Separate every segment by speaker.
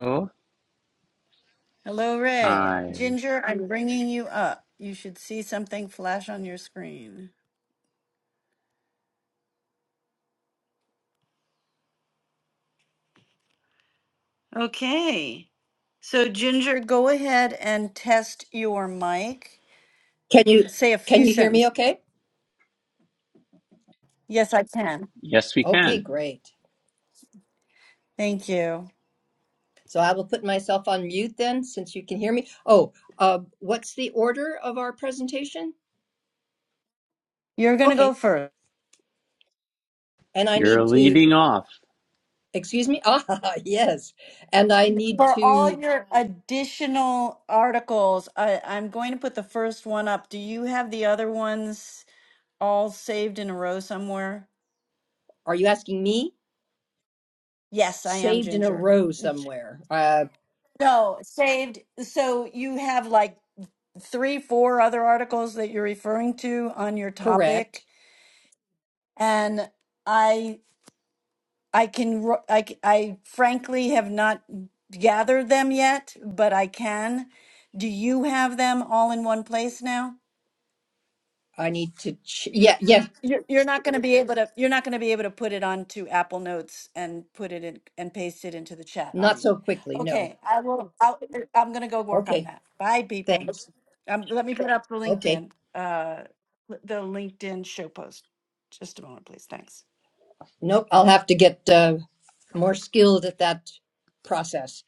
Speaker 1: Oh,
Speaker 2: Hello, Ray.
Speaker 1: hi.
Speaker 2: Ginger, I'm bringing you up. You should see something flash on your screen. Okay. So, Ginger, go ahead and test your mic.
Speaker 3: Can you
Speaker 2: Say a
Speaker 3: can
Speaker 2: few
Speaker 3: you hear me
Speaker 2: sentences.
Speaker 3: okay?
Speaker 2: Yes, I can.
Speaker 1: Yes, we
Speaker 3: Okay,
Speaker 1: can.
Speaker 3: great.
Speaker 2: Thank you.
Speaker 3: So I will put myself on mute then since you can hear me. Oh, uh, what's the order of our presentation?
Speaker 2: You're going to go
Speaker 3: Okay.
Speaker 2: first.
Speaker 3: And I
Speaker 1: You're
Speaker 3: need to
Speaker 1: leading off.
Speaker 3: excuse me. Ah, yes. And I need
Speaker 2: For all
Speaker 3: to
Speaker 2: your additional articles, I, I'm going to put the first one up. Do you have the other ones all saved in a row somewhere?
Speaker 3: are you asking me?
Speaker 2: Yes, I am,
Speaker 3: Saved in a
Speaker 2: Ginger.
Speaker 3: row somewhere. Uh
Speaker 2: No, saved. So you have like three, four other articles that you're referring to on your
Speaker 3: correct.
Speaker 2: topic, and I I can ro- I c- I frankly have not gathered them yet, but I can. Do you have them all in one place now?
Speaker 3: I need to ch- yeah, yeah,
Speaker 2: You're, you're not gonna be able to, you're not gonna be able to put it onto Apple Notes and put it in and paste it into the chat, are
Speaker 3: not
Speaker 2: you?
Speaker 3: so quickly. No.
Speaker 2: Okay, I will, I'll, I'm gonna go work on
Speaker 3: Okay.
Speaker 2: that. Bye, people.
Speaker 3: Thanks.
Speaker 2: Um, let me put up the
Speaker 3: Okay.
Speaker 2: LinkedIn, uh, the LinkedIn show post. Just a moment, please. Thanks.
Speaker 3: Nope, I'll have to get uh more skilled at that process.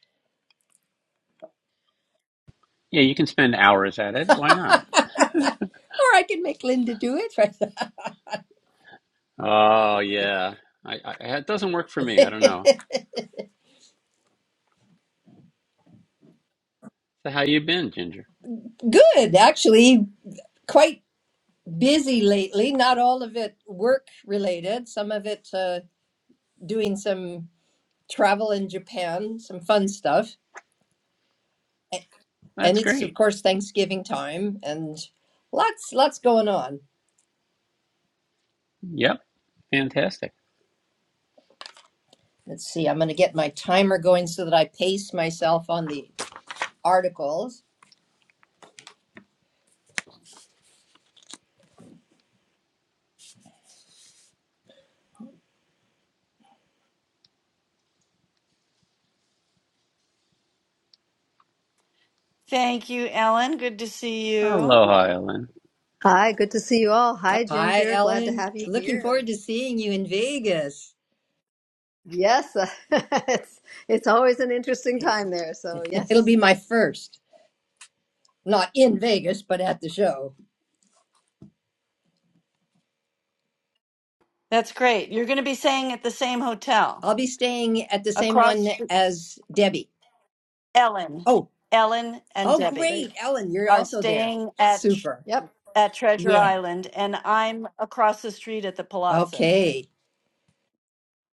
Speaker 1: Yeah, you can spend hours at it. Why not?
Speaker 3: or I can make Linda do it.
Speaker 1: Oh, yeah. I, I it doesn't work for me. I don't know. So how you been, Ginger?
Speaker 3: Good, actually, quite busy lately. Not all of it work related. Some of it uh, doing some travel in Japan, some fun stuff, and
Speaker 1: That's
Speaker 3: it's of
Speaker 1: great.
Speaker 3: course Thanksgiving time, and lots lots going on.
Speaker 1: Yep. Fantastic.
Speaker 3: Let's see. I'm going to get my timer going so that I pace myself on the articles.
Speaker 2: Thank you, Ellen. Good to see you.
Speaker 1: Aloha, Ellen.
Speaker 4: Hi, good to see you all. Hi,
Speaker 3: Hi,
Speaker 4: Ginger. Glad to
Speaker 3: Ellen.
Speaker 4: have you
Speaker 3: Looking forward
Speaker 4: here.
Speaker 3: to seeing you in Vegas.
Speaker 4: Yes, it's it's always an interesting time there. So
Speaker 3: It'll
Speaker 4: yes,
Speaker 3: be my first. Not in Vegas, but at the show.
Speaker 2: That's great. You're gonna be staying at the same hotel
Speaker 3: I'll be staying at the same one
Speaker 2: across the-
Speaker 3: as Debbie.
Speaker 2: Ellen,
Speaker 3: Oh,
Speaker 2: Ellen and
Speaker 3: oh,
Speaker 2: Debbie
Speaker 4: great.
Speaker 3: great. Ellen, you're
Speaker 2: are
Speaker 3: also there.
Speaker 2: staying at
Speaker 3: Super.
Speaker 4: Yep,
Speaker 2: at Treasure
Speaker 3: Yeah.
Speaker 2: Island, and I'm across the street at the Palazzo.
Speaker 3: Okay.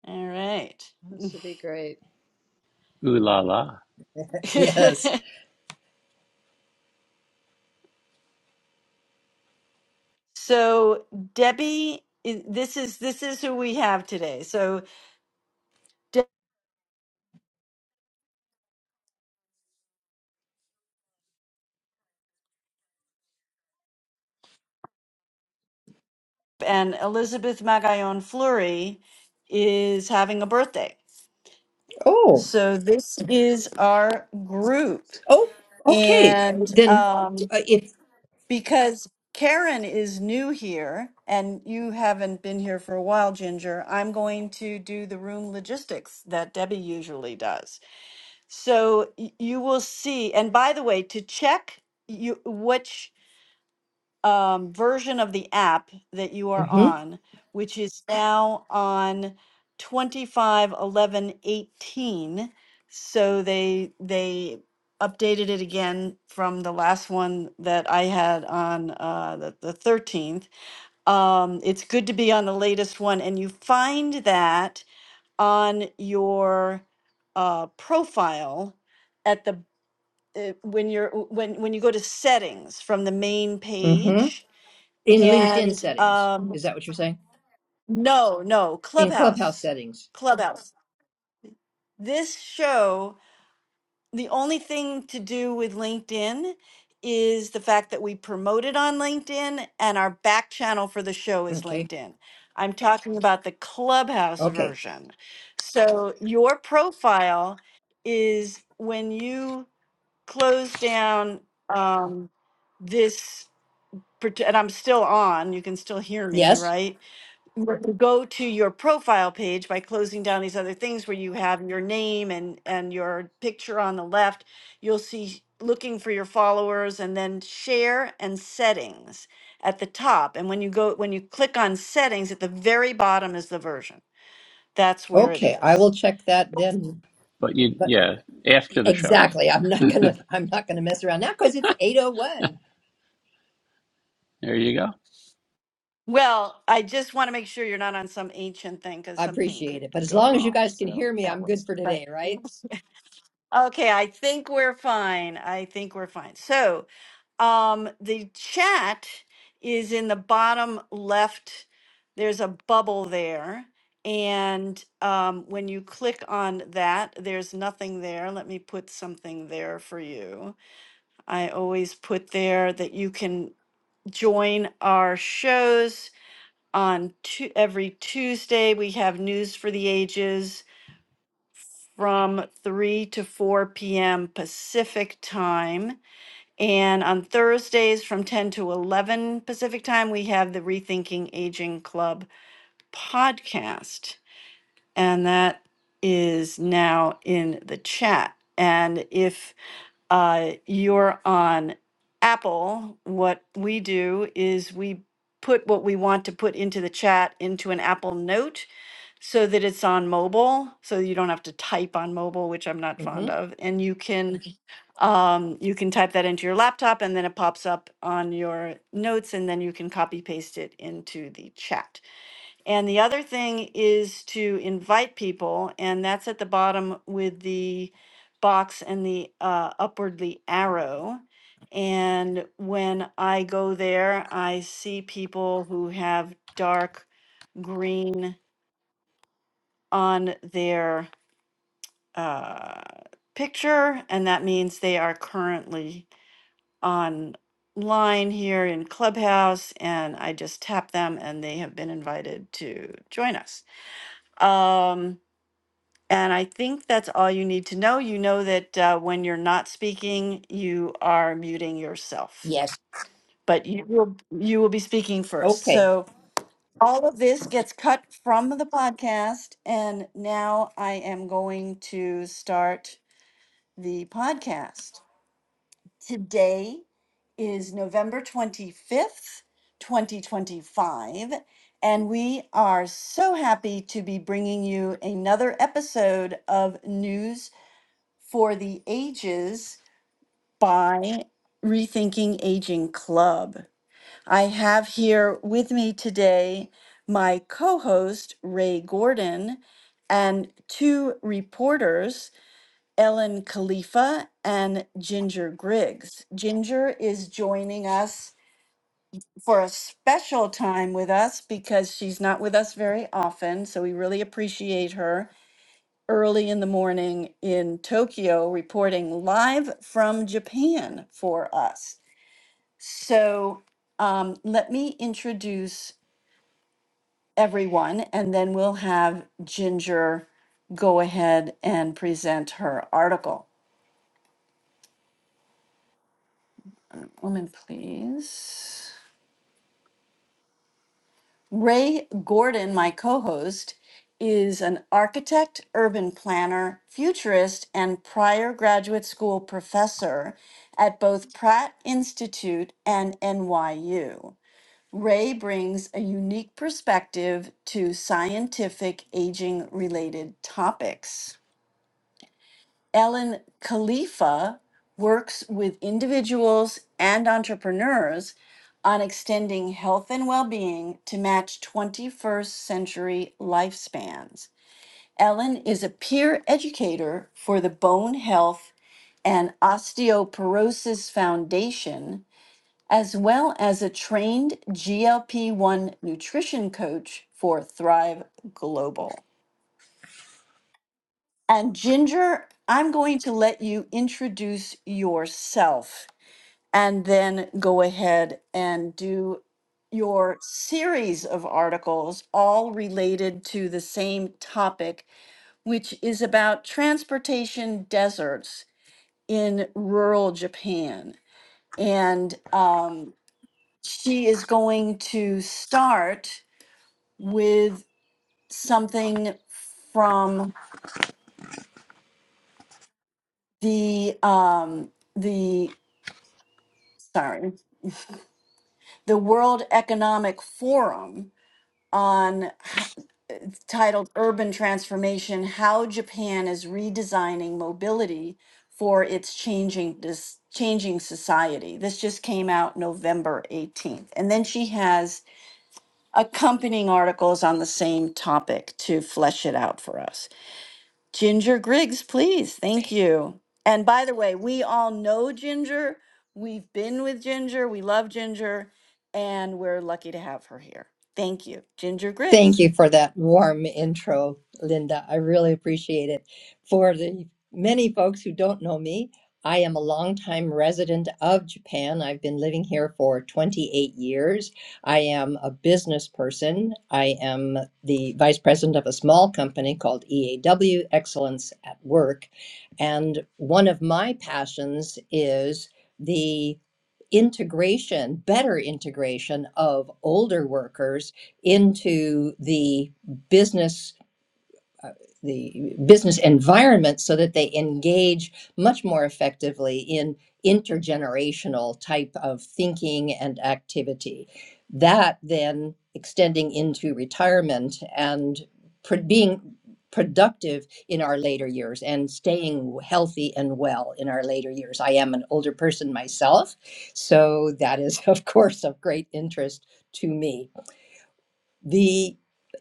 Speaker 2: All right.
Speaker 4: that should be great.
Speaker 1: Ooh la la.
Speaker 3: Yes.
Speaker 2: so Debbie, i- this is this is who we have today. So Deb and Elizabeth Magallon Fleury is having a birthday.
Speaker 3: Oh,
Speaker 2: So this is our group,
Speaker 3: oh, okay.
Speaker 2: and
Speaker 3: Then
Speaker 2: um,
Speaker 3: uh, if,
Speaker 2: Because Karen is new here and you haven't been here for a while, Ginger, I'm going to do the room logistics that Debbie usually does. So y- you will see. And by the way, to check you which um, version of the app that you are
Speaker 3: mm hmm,
Speaker 2: on, which is now on 25 11 18. So they they updated it again from the last one that I had on uh, the, the 13th. Um, it's good to be on the latest one, and you find that on your uh, profile at the uh, when you're when when you go to settings from the main
Speaker 3: mm hmm,
Speaker 2: page
Speaker 3: in LinkedIn
Speaker 2: and
Speaker 3: settings.
Speaker 2: um
Speaker 3: Is that what you're saying?
Speaker 2: no no
Speaker 3: In Clubhouse
Speaker 2: clubhouse
Speaker 3: settings.
Speaker 2: clubhouse this show the only thing to do with linkedin is the fact that we promote it on linkedin and our back channel for the show is
Speaker 3: Okay.
Speaker 2: linkedin i'm talking about the clubhouse
Speaker 3: Okay.
Speaker 2: version so your profile is when you close down um this part- and i'm still on you can still hear me
Speaker 3: Yes.
Speaker 2: right were to go to your profile page by closing down these other things where you have your name and and your picture on the left you'll see looking for your followers and then share and settings at the top and when you go when you click on settings at the very bottom is the version that's where it
Speaker 3: Okay. I
Speaker 2: is
Speaker 3: will check that then.
Speaker 1: But you,
Speaker 3: But
Speaker 1: yeah, after the show.
Speaker 3: exactly. I'm not going to, I'm not going to mess around now because it's 801.
Speaker 1: There you go.
Speaker 2: well i just want to make sure you're not on some ancient thing because
Speaker 3: I
Speaker 2: something could
Speaker 3: appreciate it. But as
Speaker 2: go
Speaker 3: long as you
Speaker 2: wrong
Speaker 3: guys can
Speaker 2: so
Speaker 3: hear me,
Speaker 2: that
Speaker 3: I'm good
Speaker 2: was
Speaker 3: for
Speaker 2: but
Speaker 3: today, right?
Speaker 2: okay i think we're fine i think we're fine so Um, the chat is in the bottom left. There's a bubble there. And um, when you click on that, there's nothing there. Let me put something there for you. I always put there that you can join our shows on tu- every Tuesday. We have News for the Ages from 3 to 4 p.m. Pacific time and on Thursdays from 10 to 11 Pacific time, we have the Rethinking Aging Club podcast. And that is now in the chat. And if uh, you're on Apple, what we do is we put what we want to put into the chat into an Apple Note so that it's on mobile, so you don't have to type on mobile, which I'm not fond
Speaker 3: hmm
Speaker 2: of. And you can um, you can type that into your laptop and then it pops up on your notes and then you can copy paste it into the chat. And the other thing is to invite people, and that's at the bottom with the box and the uh, upwardly arrow. And when I go there, I see people who have dark green on their uh, picture, and that means they are currently online here in Clubhouse, and I just tap them, and they have been invited to join us. Um, and I think that's all you need to know. You know that uh, when you're not speaking, you are muting yourself,
Speaker 3: Yes.
Speaker 2: but you will you will be speaking first.
Speaker 3: Okay.
Speaker 2: So all of this gets cut from the podcast, and now I am going to start the podcast. Today is November 25th, 2025, and we are so happy to be bringing you another episode of News for the Ages by Rethinking Aging Club. I have here with me today my co host, Ray Gordon, and two reporters. Ellen Khalifa and Ginger Griggs. Ginger is joining us for a special time with us because she's not with us very often. So we really appreciate her early in the morning in Tokyo reporting live from Japan for us. So um, let me introduce everyone and then we'll have Ginger go ahead and present her article. Woman, please. Ray Gordon, my co host, is an architect, urban planner, futurist, and prior graduate school professor at both Pratt Institute and NYU. Ray brings a unique perspective to scientific aging related topics. Ellen Khalifa works with individuals and entrepreneurs on extending health and well being to match 21st century lifespans. Ellen is a peer educator for the Bone Health and Osteoporosis Foundation, as well as a trained GLP 1 nutrition coach for Thrive Global. And Ginger, I'm going to let you introduce yourself and then go ahead and do your series of articles, all related to the same topic, which is about transportation deserts in rural Japan. And um, she is going to start with something from the um, the sorry the World Economic Forum on titled Urban Transformation: How Japan is Redesigning Mobility for Its Changing this Changing Society. This just came out November 18th. And then she has accompanying articles on the same topic to flesh it out for us. Ginger Griggs, please. Thank you. And by the way, we all know Ginger. We've been with Ginger. We love Ginger. And we're lucky to have her here. Thank you, Ginger
Speaker 3: Thank
Speaker 2: Griggs.
Speaker 3: you for that warm intro, Linda. I really appreciate it. For the many folks who don't know me, I am a longtime resident of Japan. I've been living here for 28 years. I am a business person. I am the vice president of a small company called EAW, Excellence at Work. And one of my passions is the integration, better integration of older workers into the business uh, the business environment so that they engage much more effectively in intergenerational type of thinking and activity. That then extending into retirement and pro- being productive in our later years and staying healthy and well in our later years. I am an older person myself, so that is, of course, of great interest to me the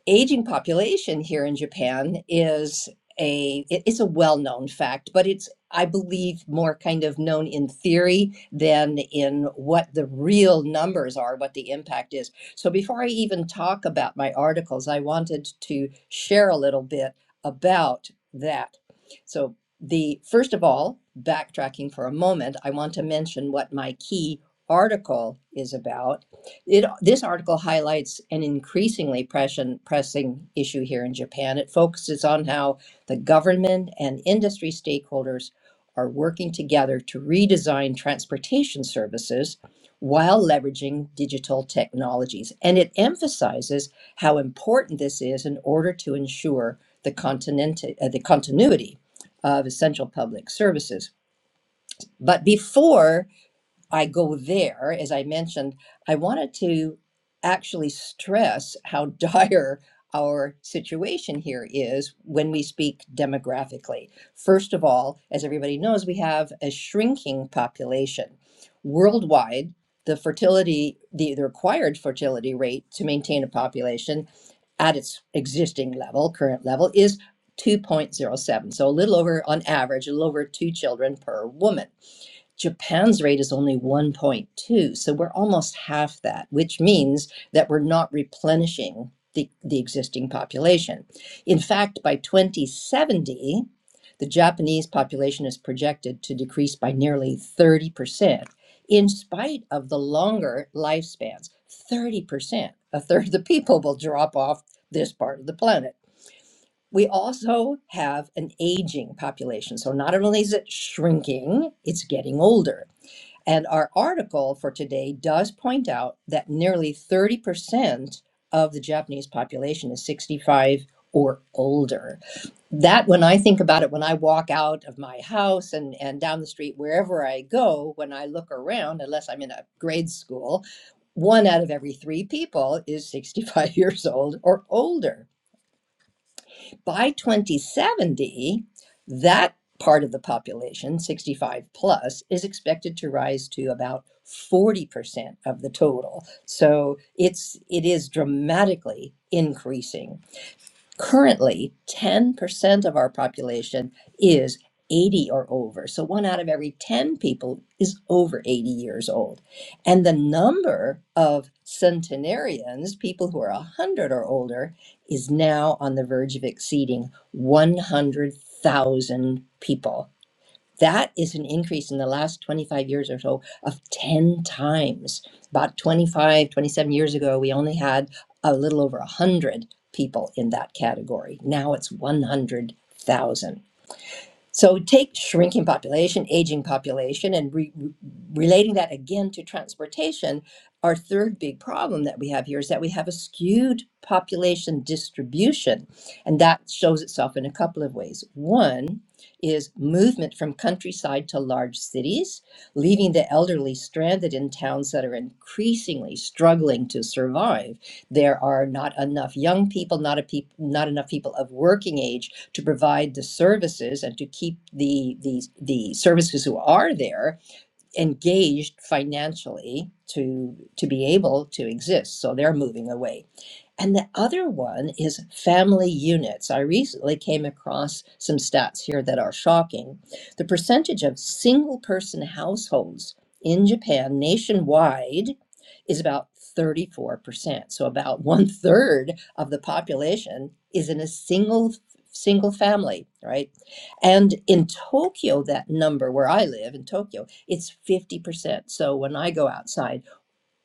Speaker 3: aging population here in Japan is a it's a well-known fact, but it's I believe more kind of known in theory than in what the real numbers are, what the impact is. So before I even talk about my articles, I wanted to share a little bit about that. So the first of all, backtracking for a moment, I want to mention what my key article is about it, this article highlights an increasingly pressing, pressing issue here in Japan. It focuses on how the government and industry stakeholders are working together to redesign transportation services while leveraging digital technologies. And it emphasizes how important this is in order to ensure the, continent, uh, the continuity of essential public services. But before I go there, as I mentioned, I wanted to actually stress how dire our situation here is when we speak demographically. First of all, as everybody knows, we have a shrinking population. Worldwide, the fertility, the, the required fertility rate to maintain a population at its existing level, current level, is 2.07. So a little over, on average, a little over two children per woman Japan's rate is only 1.2, so we're almost half that, which means that we're not replenishing the, the existing population. In fact, by 2070, the Japanese population is projected to decrease by nearly 30%, in spite of the longer lifespans. 30%, a third of the people will drop off this part of the planet. We also have an aging population. So not only is it shrinking, it's getting older. And our article for today does point out that nearly 30% of the Japanese population is 65 or older. That, when I think about it, when I walk out of my house and, and down the street, wherever I go, when I look around, unless I'm in a grade school, one out of every three people is 65 years old or older. By 2070, that part of the population, 65 plus, is expected to rise to about 40% of the total. So it's it is dramatically increasing Currently, 10% of our population is 80 or over. So one out of every 10 people is over 80 years old. And the number of centenarians, people who are 100 or older, is now on the verge of exceeding 100,000 people. That is an increase in the last 25 years or so of 10 times. About 25, 27 years ago, we only had a little over 100 people in that category. Now it's 100,000. So take shrinking population, aging population, and re- re- relating that again to transportation. Our third big problem that we have here is that we have a skewed population distribution, and that shows itself in a couple of ways. One is movement from countryside to large cities, leaving the elderly stranded in towns that are increasingly struggling to survive. There are not enough young people, not a peop- not enough people of working age to provide the services and to keep the the, the services who are there engaged financially to to be able to exist so they're moving away and the other one is family units. I recently came across some stats here that are shocking. The percentage of single person households in Japan nationwide is about 34%. So about one third of the population is in a single single family, right? And in Tokyo, that number where I live in Tokyo, it's 50%. So when I go outside,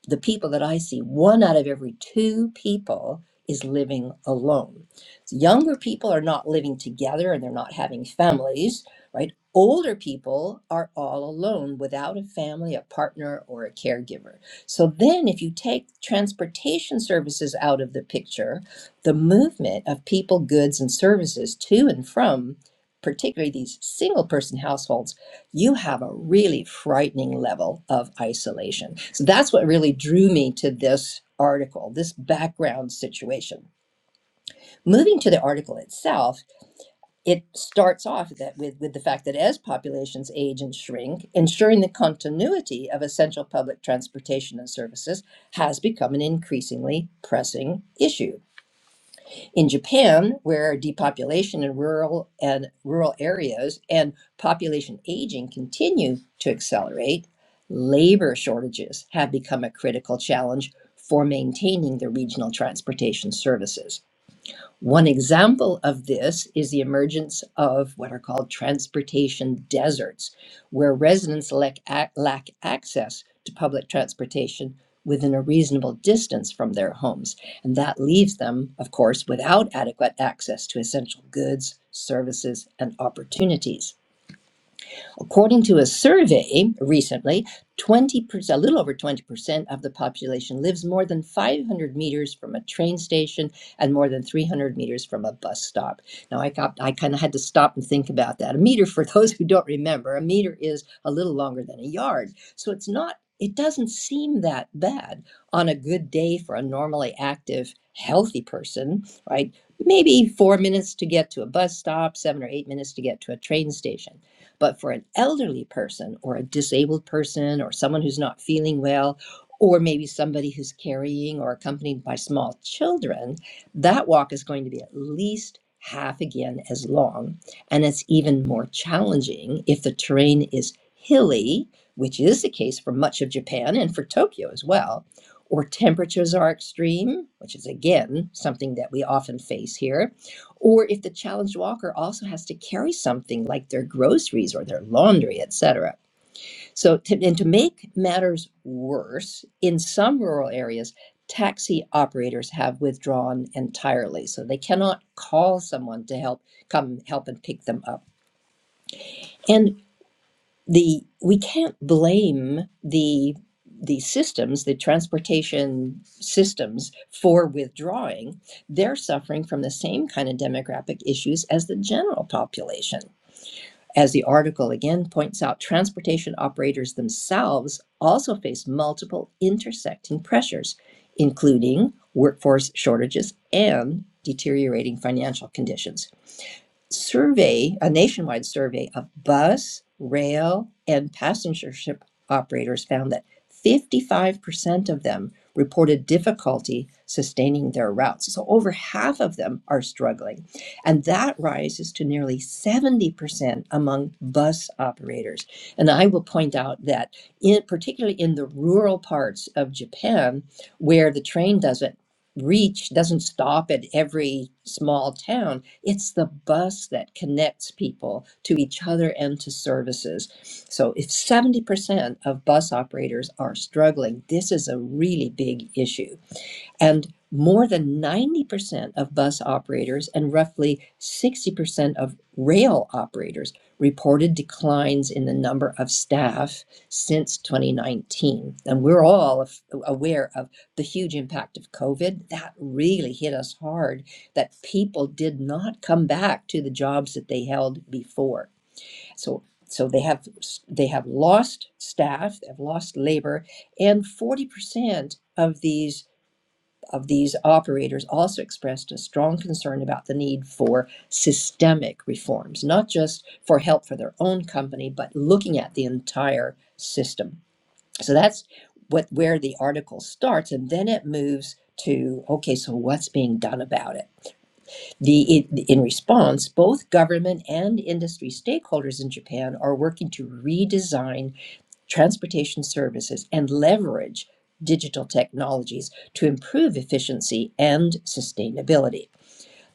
Speaker 3: the people that I see, one out of every two people is living alone. So younger people are not living together and they're not having families, right? Older people are all alone without a family, a partner, or a caregiver. So then, if you take transportation services out of the picture, the movement of people, goods, and services to and from, particularly these single person households you have a really frightening level of isolation. So that's what really drew me to this article, this background situation. Moving to the article itself, it starts off that with, with the fact that as populations age and shrink, ensuring the continuity of essential public transportation and services has become an increasingly pressing issue. In Japan, where depopulation in rural and rural areas and population aging continue to accelerate, labor shortages have become a critical challenge for maintaining the regional transportation services. One example of this is the emergence of what are called transportation deserts, where residents lack, lack access to public transportation within a reasonable distance from their homes. And that leaves them, of course, without adequate access to essential goods, services, and opportunities. According to a survey recently, 20 percent, a little over 20% of the population lives more than 500 meters from a train station and more than 300 meters from a bus stop. Now, I, got, I kind of had to stop and think about that. A meter, for those who don't remember, a meter is a little longer than a yard. So it's not, it doesn't seem that bad on a good day for a normally active, healthy person, right? Maybe four minutes to get to a bus stop, seven or eight minutes to get to a train station but for an elderly person or a disabled person or someone who's not feeling well, or maybe somebody who's carrying or accompanied by small children, that walk is going to be at least half again as long. And it's even more challenging if the terrain is hilly, which is the case for much of Japan and for Tokyo as well, or temperatures are extreme, which is again something that we often face here or if the challenged walker also has to carry something like their groceries or their laundry, etc. So, to, and to make matters worse, in some rural areas, taxi operators have withdrawn entirely, so they cannot call someone to help come help and pick them up. And the we can't blame the the systems the transportation systems for withdrawing they're suffering from the same kind of demographic issues as the general population as the article again points out transportation operators themselves also face multiple intersecting pressures including workforce shortages and deteriorating financial conditions survey, a nationwide survey of bus, rail, and passenger ship operators found that 55% of them reported difficulty sustaining their routes. So over half of them are struggling. And that rises to nearly 70% among bus operators. And I will point out that in particularly in the rural parts of Japan where the train doesn't reach doesn't stop at every small town it's the bus that connects people to each other and to services. So if 70% of bus operators are struggling, this is a really big issue. And more than 90% of bus operators and roughly 60% of rail operators reported declines in the number of staff since 2019. And we're all aware of the huge impact of COVID. That really hit us hard that people did not come back to the jobs that they held before. So so they have they have lost staff, they've lost labor, and 40% of these of these operators also expressed a strong concern about the need for systemic reforms, not just for help for their own company, but looking at the entire system. So that's what where the article starts, and then it moves to okay, so what's being done about it? The in response, both government and industry stakeholders in Japan are working to redesign transportation services, and leverage digital technologies to improve efficiency and sustainability.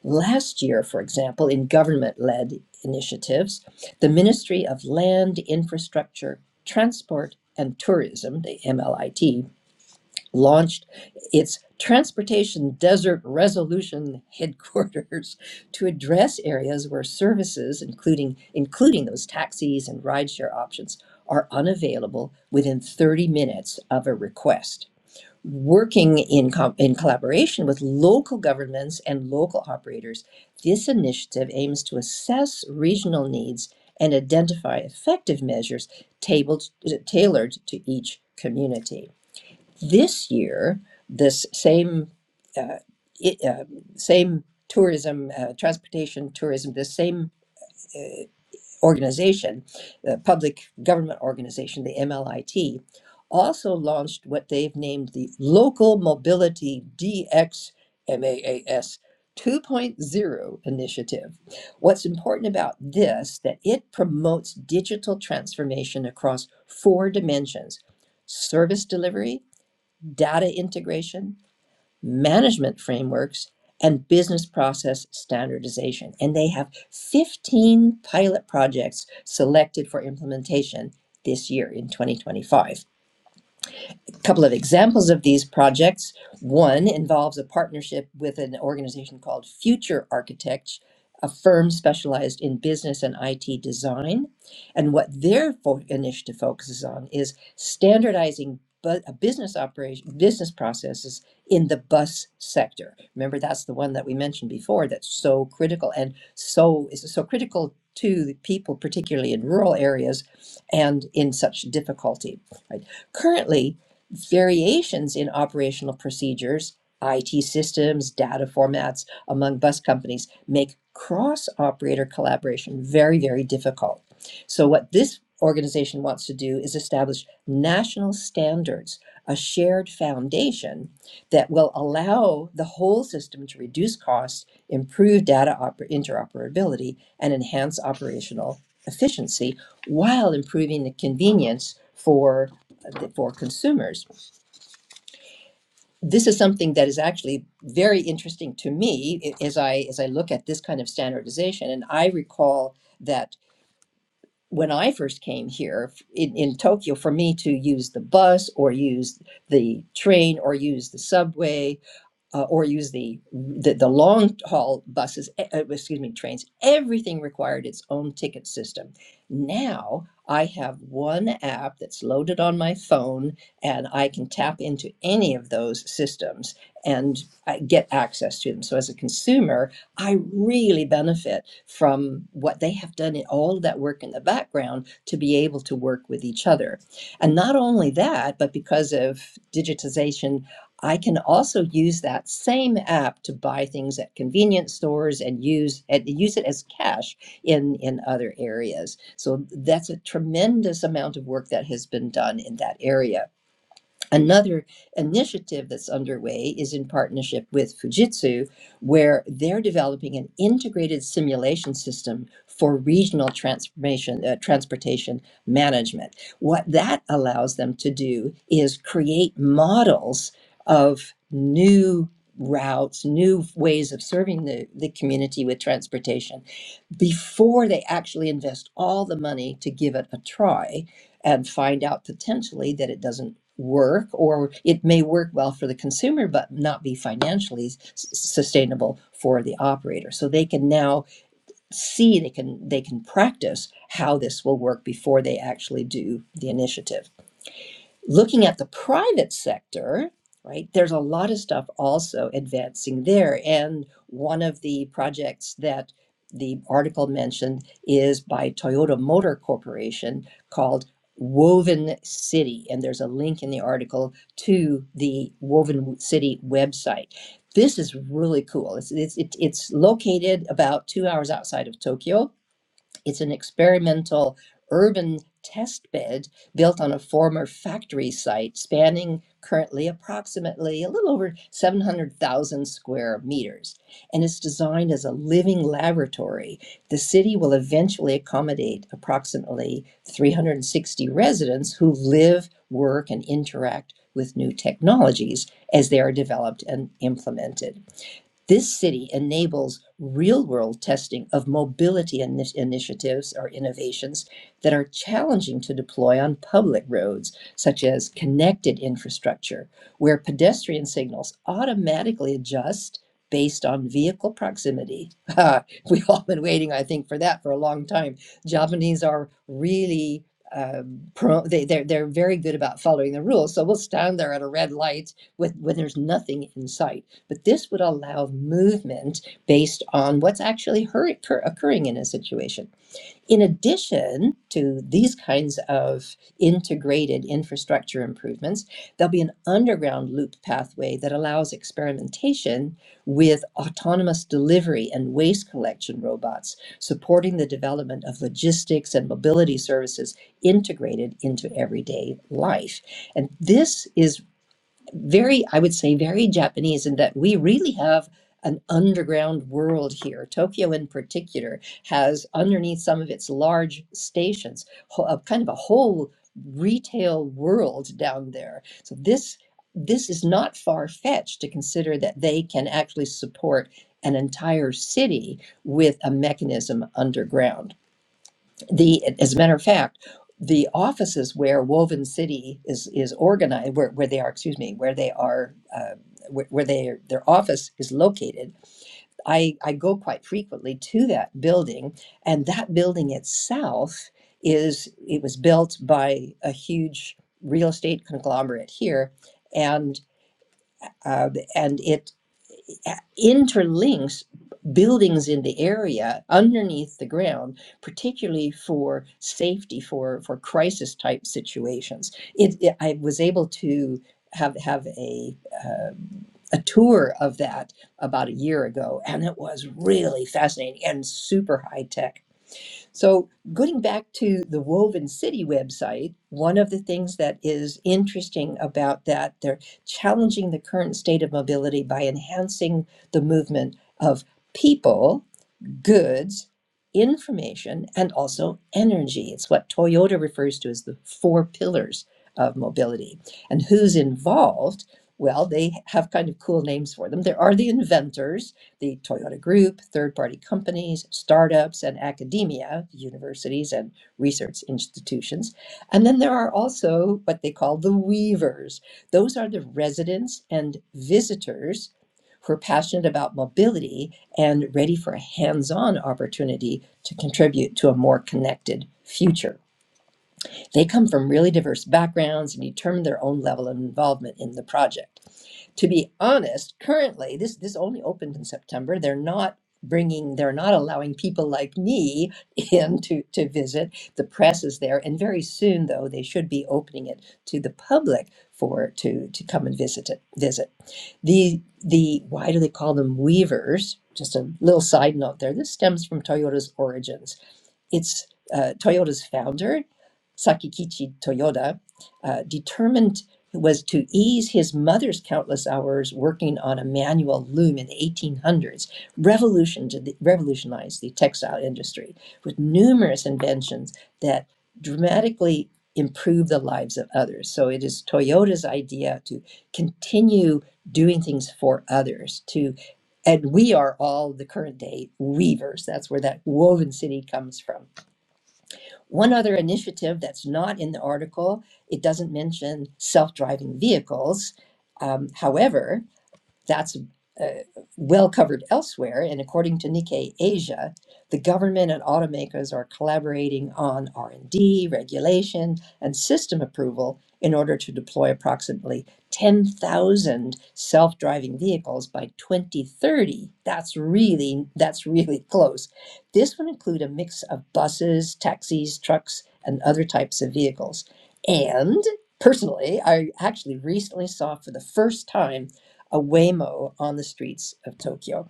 Speaker 3: Last year, for example, in government led initiatives, the Ministry of Land, Infrastructure, Transport, and Tourism, the MLIT, launched its Transportation Desert Resolution headquarters to address areas where services, including including those taxis and rideshare options, are unavailable within 30 minutes of a request. Working in, co- in collaboration with local governments and local operators, this initiative aims to assess regional needs and identify effective measures tabled, tailored to each community. This year, this same uh, it, uh, same tourism, uh, transportation tourism, the same uh, organization, the public government organization, the MLIT, also launched what they've named the Local Mobility DX MAAS 2.0 initiative. What's important about this that it promotes digital transformation across four dimensions: service delivery, data integration, management frameworks, and business process standardization. And they have 15 pilot projects selected for implementation this year in 2025 couple of examples of these projects. One involves a partnership with an organization called Future Architects, a firm specialized in business and IT design. And what their fo- initiative focuses on is standardizing bu- a business operation, business processes in the bus sector. Remember, that's the one that we mentioned before that's so critical and so is so critical to the people, particularly in rural areas and in such difficulty. Right? Currently, variations in operational procedures, IT systems, data formats among bus companies make cross operator collaboration very, very difficult. So, what this organization wants to do is establish national standards, a shared foundation that will allow the whole system to reduce costs, improve data interoperability, and enhance operational efficiency while improving the convenience for, for consumers this is something that is actually very interesting to me as I as I look at this kind of standardization. And I recall that when I first came here in, in Tokyo, for me to use the bus or use the train or use the subway uh, or use the, the the long haul buses, eh, eh, excuse me, trains. Everything required its own ticket system. Now I have one app that's loaded on my phone, and I can tap into any of those systems and I get access to them. So as a consumer, I really benefit from what they have done in all of that work in the background to be able to work with each other. And not only that, but because of digitization I can also use that same app to buy things at convenience stores and use and use it as cash in in other areas. So that's a tremendous amount of work that has been done in that area Another initiative that's underway is in partnership with Fujitsu, where they're developing an integrated simulation system for regional transformation, uh, transportation management. What that allows them to do is create models of new routes, new ways of serving the, the community with transportation before they actually invest all the money to give it a try and find out potentially that it doesn't work or it may work well for the consumer but not be financially s- sustainable for the operator so they can now see they can they can practice how this will work before they actually do the initiative looking at the private sector, right, there's a lot of stuff also advancing there. And one of the projects that the article mentioned is by Toyota Motor Corporation called Woven City. And there's a link in the article to the Woven City website. This is really cool. It's, it's, it's it's located about two hours outside of Tokyo it's an experimental urban test bed built on a former factory site spanning currently approximately a little over 700,000 square meters and is designed as a living laboratory. The city will eventually accommodate approximately 360 residents who live, work, and interact with new technologies as they are developed and implemented. This city enables real world testing of mobility ini- initiatives or innovations that are challenging to deploy on public roads, such as connected infrastructure, where pedestrian signals automatically adjust based on vehicle proximity. We've all been waiting, I think, for that for a long time. Japanese are really. Um, pro, they, they're, they're very good about following the rules. So we'll stand there at a red light with, when there's nothing in sight but this would allow movement based on what's actually occurring in a situation. In addition to these kinds of integrated infrastructure improvements, there'll be an underground loop pathway that allows experimentation with autonomous delivery and waste collection robots, supporting the development of logistics and mobility services integrated into everyday life. And this is very, I would say, very Japanese in that we really have an underground world here. Tokyo, in particular, has underneath some of its large stations a kind of a whole retail world down there. So this this is not far fetched to consider that they can actually support an entire city with a mechanism underground the as a matter of fact the offices where woven city is is organized where, where they are excuse me where they are uh, where, where they their office is located i i go quite frequently to that building and that building itself is it was built by a huge real estate conglomerate here and uh, and it interlinks buildings in the area underneath the ground particularly for safety for for crisis type situations it, it- i was able to have have a uh, a tour of that about a year ago and it was really fascinating and super high tech so, going back to the Woven City website, one of the things that is interesting about that, they're challenging the current state of mobility by enhancing the movement of people goods, information, and also energy. It's what Toyota refers to as the four pillars of mobility. And who's involved? Well, they have kind of cool names for them. There are the inventors, the Toyota Group, third party companies, startups, and academia, universities, and research institutions. And then there are also what they call the weavers. Those are the residents and visitors who are passionate about mobility and ready for a hands on opportunity to contribute to a more connected future. They come from really diverse backgrounds and determine their own level of involvement in the project. To be honest, currently, this, this only opened in September. They're not bringing they're not allowing people like me in to, to visit the press is there and very soon though they should be opening it to the public for to to come and visit it visit the the why do they call them weavers? Just a little side note there. This stems from Toyota's origins it's uh, Toyota's founder, Sakikichi Toyoda, uh, determined was to ease his mother's countless hours working on a manual loom in the 1800s, revolution to the, revolutionized the textile industry with numerous inventions that dramatically improve the lives of others. So it is Toyota's idea to continue doing things for others to and we are all the current day weavers that's where that woven city comes from one other initiative that's not in the article, it doesn't mention self driving vehicles. Um, however, that's uh, well covered elsewhere. And according to Nikkei Asia, the government and automakers are collaborating on R&D, regulation, and system approval in order to deploy approximately 10,000 self-driving vehicles by 2030. That's really that's really close. This would include a mix of buses, taxis, trucks, and other types of vehicles. And personally, I actually recently saw for the first time a Waymo on the streets of Tokyo.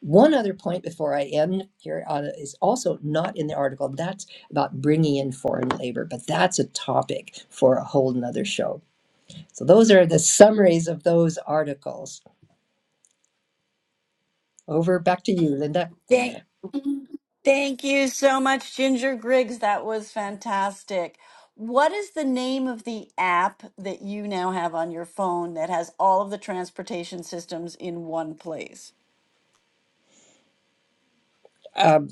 Speaker 3: One other point before I end here on it is also not in the article. That's about bringing in foreign labor, but that's a topic for a whole nother show. So those are the summaries of those articles. Over back to you, Linda.
Speaker 2: Thank,
Speaker 3: Yeah.
Speaker 2: thank you so much, Ginger Griggs. That was fantastic. What is the name of the app that you now have on your phone that has all of the transportation systems in one place?
Speaker 3: Um,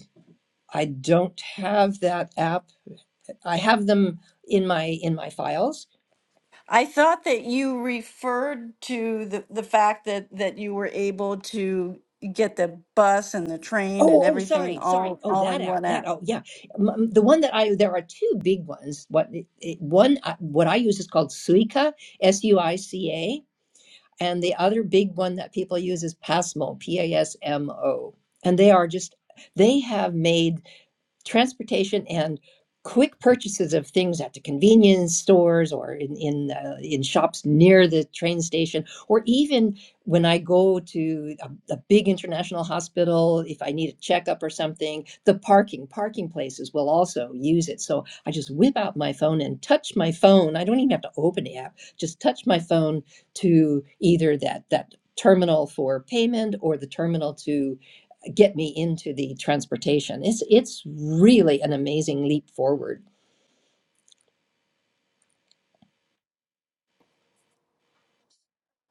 Speaker 3: I don't have that app. I have them in my in my files,
Speaker 2: I thought that you referred to the, the fact that, that you were able to get the bus and the train
Speaker 3: Oh,
Speaker 2: and
Speaker 3: oh,
Speaker 2: everything
Speaker 3: sorry, sorry.
Speaker 2: all,
Speaker 3: Oh,
Speaker 2: all
Speaker 3: that
Speaker 2: in
Speaker 3: app,
Speaker 2: one
Speaker 3: that.
Speaker 2: app.
Speaker 3: Oh, yeah, M- m- the one that I. There are two big ones. What it, it- one? uh, What I use is called Suica, S U I C A, and the other big one that people use is Pasmo, P A S M O, and they are just. They have made transportation and quick purchases of things at the convenience stores or in in uh, in shops near the train station or even when I go to a, a big international hospital if I need a checkup or something the parking parking places will also use it so I just whip out my phone and touch my phone I don't even have to open the app just touch my phone to either that that terminal for payment or the terminal to get me into the transportation. It's it's really an amazing leap forward.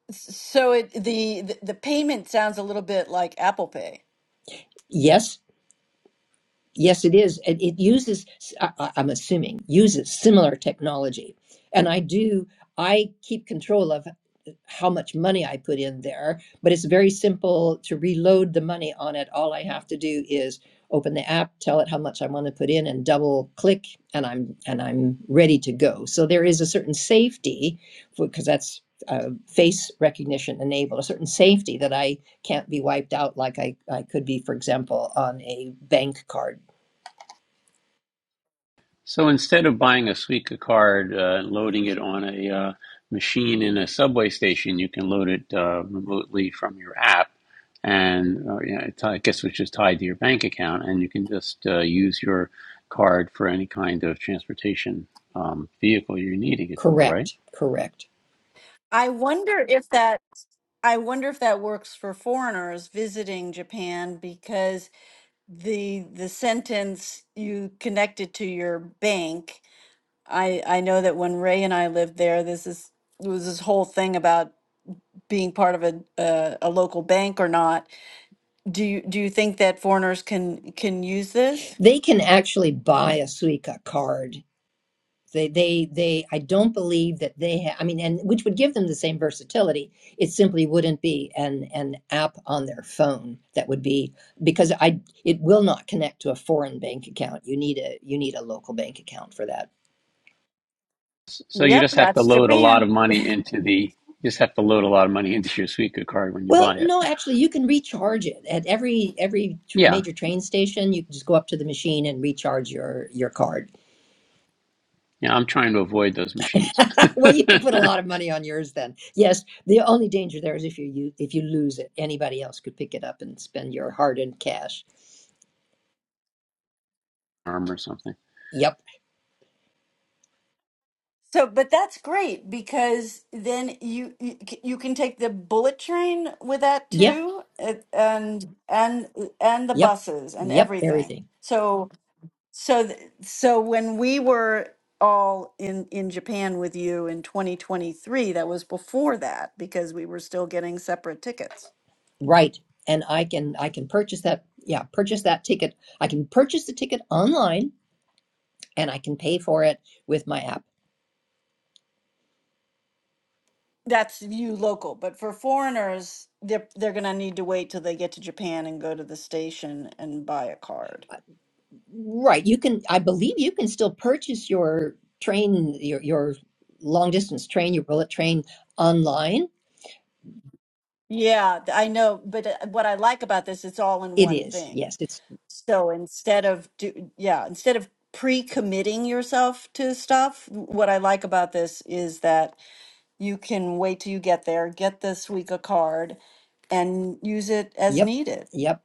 Speaker 2: S- So it, the, the the payment sounds a little bit like Apple Pay.
Speaker 3: Yes, yes, it is. It, it uses, I, I- I'm assuming, uses similar technology, and I do. I keep control of. how much money I put in there, but it's very simple to reload the money on it. All I have to do is open the app, tell it how much I want to put in and double click and I'm and I'm ready to go. So there is a certain safety because that's uh, face recognition enabled a certain safety that I can't be wiped out like I, I could be, for example, on a bank card.
Speaker 1: So instead of buying a Suica card uh, and loading it on a uh, machine in a subway station, you can load it uh, remotely from your app, and uh, yeah, it's, I guess which is tied to your bank account, and you can just uh, use your card for any kind of transportation um, vehicle you're needing it for, right?
Speaker 3: Correct, correct.
Speaker 2: I wonder if that I wonder if that works for foreigners visiting Japan because the the sentence you connected to your bank I I know that when Ray and I lived there, this is there was this whole thing about being part of a uh, a local bank or not. Do you do you think that foreigners can can use this?
Speaker 3: They can actually buy a Suica card They, they, they, I don't believe that they have, I mean, and which would give them the same versatility. It simply wouldn't be an, an app on their phone that would be, because I, it will not connect to a foreign bank account. You need a, you need a local bank account for that.
Speaker 1: So you
Speaker 2: Yep,
Speaker 1: just have to
Speaker 2: that's
Speaker 1: load a lot of
Speaker 2: Japan.
Speaker 1: money into the you just have to load a lot of money into your Suica card when you
Speaker 3: Well,
Speaker 1: buy it.
Speaker 3: no, actually, you can recharge it at every every t-
Speaker 1: Yeah,
Speaker 3: major train station. You can just go up to the machine and recharge your your card.
Speaker 1: yeah, I'm trying to avoid those machines,
Speaker 3: well, you can put a lot of money on yours then. Yes, the only danger there is if you, you if you lose it, anybody else could pick it up and spend your hard-earned cash.
Speaker 1: arm or something.
Speaker 3: Yep.
Speaker 2: So, but that's great because then you you, c- you can take the bullet train with that
Speaker 3: Yeah.
Speaker 2: too, it- and and and the
Speaker 3: Yep.
Speaker 2: buses and
Speaker 3: Yep.
Speaker 2: everything.
Speaker 3: Everything.
Speaker 2: So So, th- so when we were all in in Japan with you in 2023, that was before that because we were still getting separate tickets.
Speaker 3: Right. And I can I can purchase that. Yeah, purchase that ticket. I can purchase the ticket online and I can pay for it with my app.
Speaker 2: That's you local, but for foreigners, they're they're gonna need to wait till they get to Japan and go to the station and buy a card.
Speaker 3: Right. You can. I believe you can still purchase your train your your long distance train your bullet train online.
Speaker 2: Yeah, th- I know, but uh, what I like about this, it's all in
Speaker 3: It
Speaker 2: one
Speaker 3: is.
Speaker 2: thing.
Speaker 3: Yes. It's.
Speaker 2: So instead of do, yeah, instead of pre-committing yourself to stuff, what I like about this is that You can wait till you get there, get this week a card and use it as
Speaker 3: Yep.
Speaker 2: needed,
Speaker 3: Yep.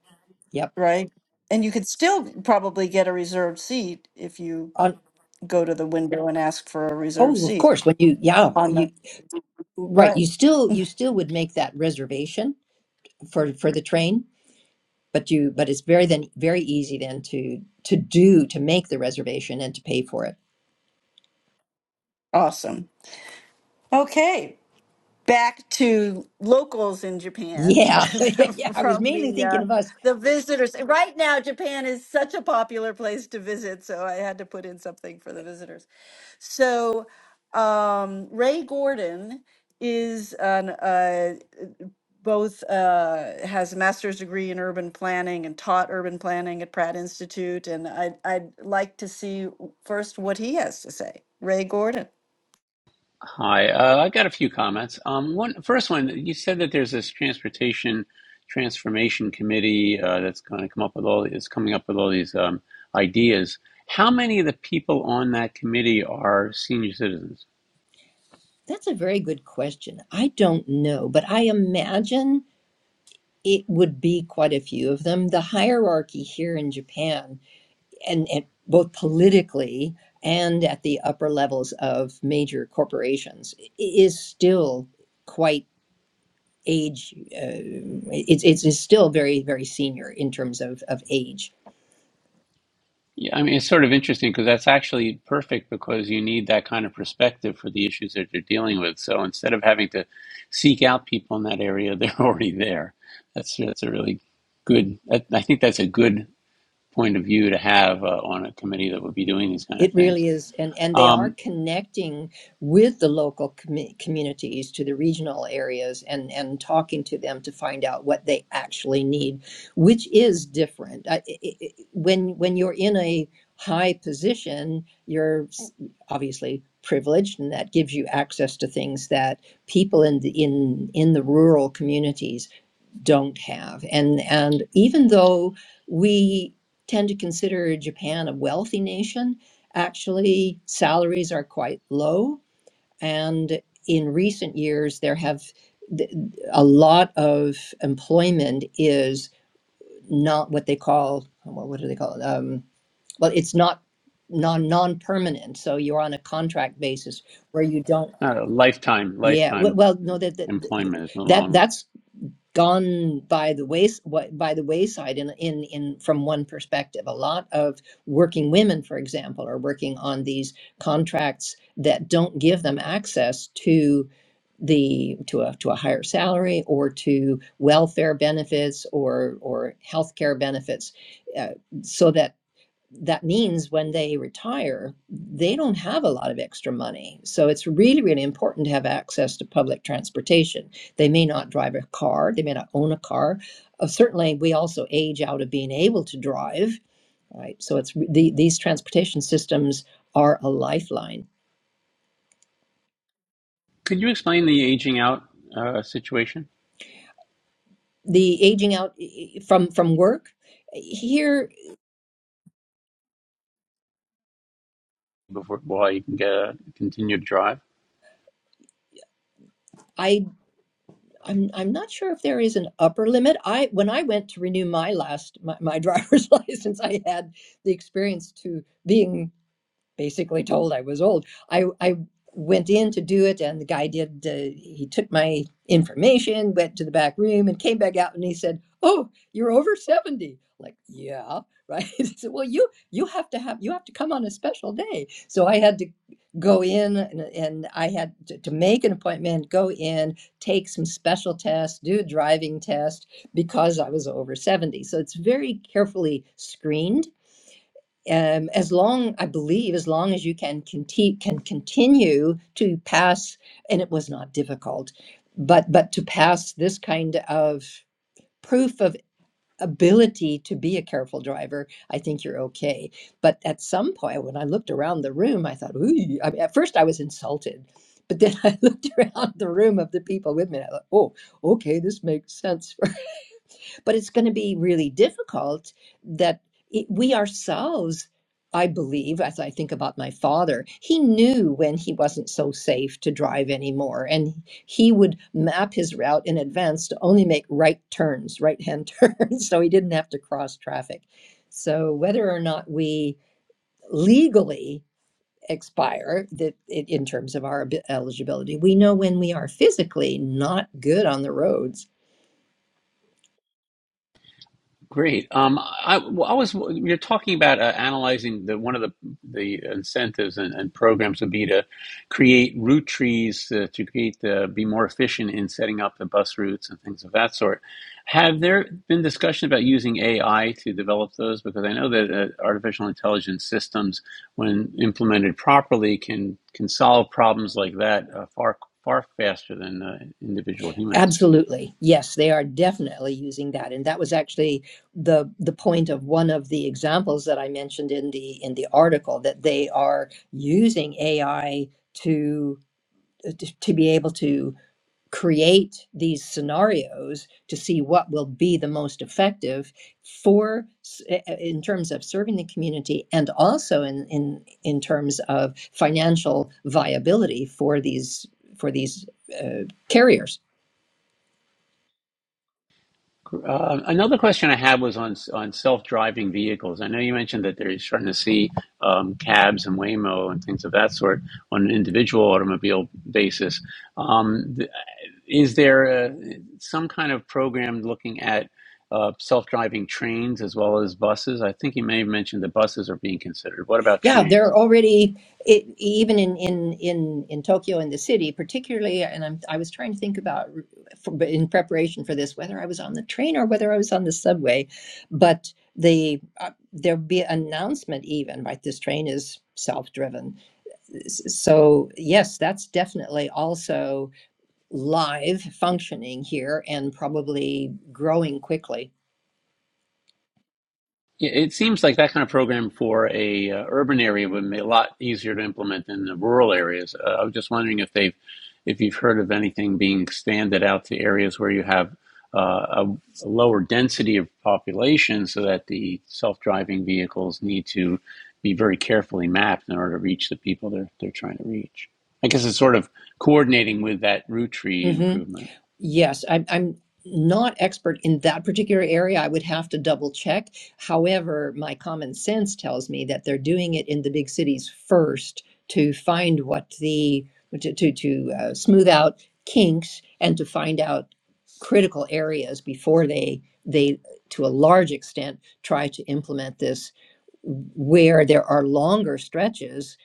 Speaker 3: Yep
Speaker 2: right? And you could still probably get a reserved seat if you
Speaker 3: On,
Speaker 2: go to the window and ask for a reserved
Speaker 3: oh, of
Speaker 2: seat
Speaker 3: course. When you, yeah,
Speaker 2: on the
Speaker 3: you, right.
Speaker 2: right.
Speaker 3: You still, you still would make that reservation for for the train, but you, but it's very then very easy then to to do to make the reservation and to pay for it.
Speaker 2: Awesome. Okay, back to locals in Japan
Speaker 3: Yeah, yeah. I was
Speaker 2: from
Speaker 3: mainly
Speaker 2: the uh,
Speaker 3: thinking of us.
Speaker 2: the visitors. Right now, Japan is such a popular place to visit, so I had to put in something for the visitors. So um, Ray Gordon is an, uh, both uh, has a master's degree in urban planning and taught urban planning at Pratt Institute. And I'd, I'd like to see w- first what he has to say. Ray Gordon.
Speaker 1: Hi, uh, I got a few comments. Um, one first one, you said that there's this transportation transformation committee uh, that's going to come up with all is coming up with all these um, ideas. How many of the people on that committee are senior citizens?
Speaker 3: That's a very good question. I don't know, but I imagine it would be quite a few of them. The hierarchy here in Japan and, and both politically and at the upper levels of major corporations i- is still quite age uh, it's, it's it's still very very senior in terms of of age
Speaker 1: Yeah, I mean, it's sort of interesting because that's actually perfect because you need that kind of perspective for the issues that you're dealing with. So instead of having to seek out people in that area, they're already there. That's that's a really good. That, I think that's a good point of view to have uh, on a committee that would be doing these kind of
Speaker 3: it
Speaker 1: things.
Speaker 3: really is, and and they are
Speaker 1: Um,
Speaker 3: connecting with the local commu- communities to the regional areas and and talking to them to find out what they actually need, which is different. I, i i when when you're in a high position, you're s- obviously privileged, and that gives you access to things that people in the in in the rural communities don't have. And and even though we tend to consider Japan a wealthy nation, actually salaries are quite low. And in recent years, there have a lot of employment is not what they call well, what do they call it? Um, well, it's not non non permanent. So you're on a contract basis where you don't.
Speaker 1: not a lifetime,
Speaker 3: Yeah. w-
Speaker 1: lifetime
Speaker 3: Well, no, that that
Speaker 1: employment is no
Speaker 3: that
Speaker 1: longer.
Speaker 3: that's gone by the ways by the wayside in in in from one perspective a lot of working women for example are working on these contracts that don't give them access to the to a to a higher salary or to welfare benefits or or healthcare benefits uh, so that that means when they retire, they don't have a lot of extra money. So it's really, really important to have access to public transportation. They may not drive a car, they may not own a car. Uh, certainly, we also age out of being able to drive, right? So it's the, these transportation systems are a lifeline.
Speaker 1: Could you explain the aging out uh, situation
Speaker 3: The aging out eh, eh, from from work Here,
Speaker 1: before why you can get a continued drive?
Speaker 3: I. I'm I'm not sure if there is an upper limit. I when I went to renew my last my, my driver's license, I had the experience to being basically told I was old. I I went in to do it, and the guy did. Uh, he took my information, went to the back room, and came back out, and he said, "Oh, you're over 70. Like, yeah, right. He said, well, you you have to have you have to come on a special day. So I had to go in, and, and I had to, to make an appointment, go in, take some special tests, do a driving test because I was over 70. So it's very carefully screened um, as long I believe as long as you can conti- can continue to pass and it was not difficult but but to pass this kind of proof of ability to be a careful driver I think you're okay but at some point when I looked around the room I thought ooh I mean, at first I was insulted but then I looked around the room of the people with me and I thought oh okay this makes sense but it's going to be really difficult that it, we ourselves i believe as i think about my father he knew when he wasn't so safe to drive anymore and he would map his route in advance to only make right turns right hand turns so he didn't have to cross traffic so whether or not we legally expire that it, in terms of our abi- eligibility we know when we are physically not good on the roads
Speaker 1: Great. Um, I, well, I was you're talking about uh, analyzing the one of the the incentives and, and programs would be to create route trees uh, to create the be more efficient in setting up the bus routes and things of that sort. Have there been discussion about using AI to develop those? Because I know that uh, artificial intelligence systems, when implemented properly, can can solve problems like that uh, far far faster than uh, individual humans.
Speaker 3: Absolutely. Yes, they are definitely using that. And that was actually the the point of one of the examples that I mentioned in the in the article that they are using AI to uh, to, to be able to create these scenarios to see what will be the most effective for s- eh, eh, in terms of serving the community and also in in in terms of financial viability for these for these uh, carriers
Speaker 1: Uh, another question I had was on on self-driving vehicles. I know you mentioned that they're starting to see um, cabs and Waymo and things of that sort on an individual automobile basis. Um, is there uh some kind of program looking at uh, self-driving trains as well as buses? I think you may have mentioned that buses are being considered. What about
Speaker 3: Yeah,
Speaker 1: trains?
Speaker 3: they're already it, even in in in in Tokyo in the city, particularly. And I'm I was trying to think about for, in preparation for this whether I was on the train or whether I was on the subway, but the uh, there'll be an announcement even right. This train is self-driven, S- so yes, that's definitely also live functioning here and probably growing quickly.
Speaker 1: Yeah, It seems like that kind of program for a uh, urban area would be a lot easier to implement than the rural areas. Uh, I was just wondering if they've, if you've heard of anything being expanded out to areas where you have uh, a, a lower density of population, so that the self-driving vehicles need to be very carefully mapped in order to reach the people they're they're trying to reach. I guess it's sort of coordinating with that root tree
Speaker 3: Mm-hmm.
Speaker 1: improvement.
Speaker 3: Yes, I'm, I'm not expert in that particular area. I would have to double check. However, my common sense tells me that they're doing it in the big cities first to find what the to to, to uh, smooth out kinks and to find out critical areas before they they to a large extent try to implement this where there are longer stretches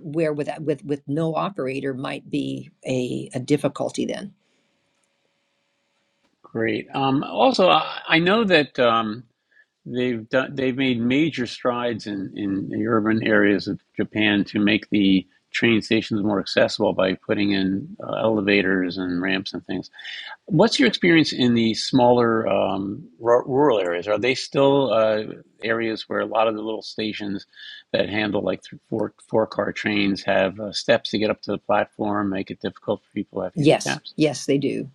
Speaker 3: where with with with no operator might be a, a difficulty then.
Speaker 1: Great. Um, also, I, I know that. Um, They've done. They've made major strides in in the urban areas of Japan to make the train stations more accessible by putting in uh, elevators and ramps and things. What's your experience in the smaller um, r- rural areas? Are they still uh, areas where a lot of the little stations that handle like th- four four car trains have uh, steps to get up to the platform, make it difficult for people who have
Speaker 3: Yes,
Speaker 1: handicaps?
Speaker 3: yes, they do.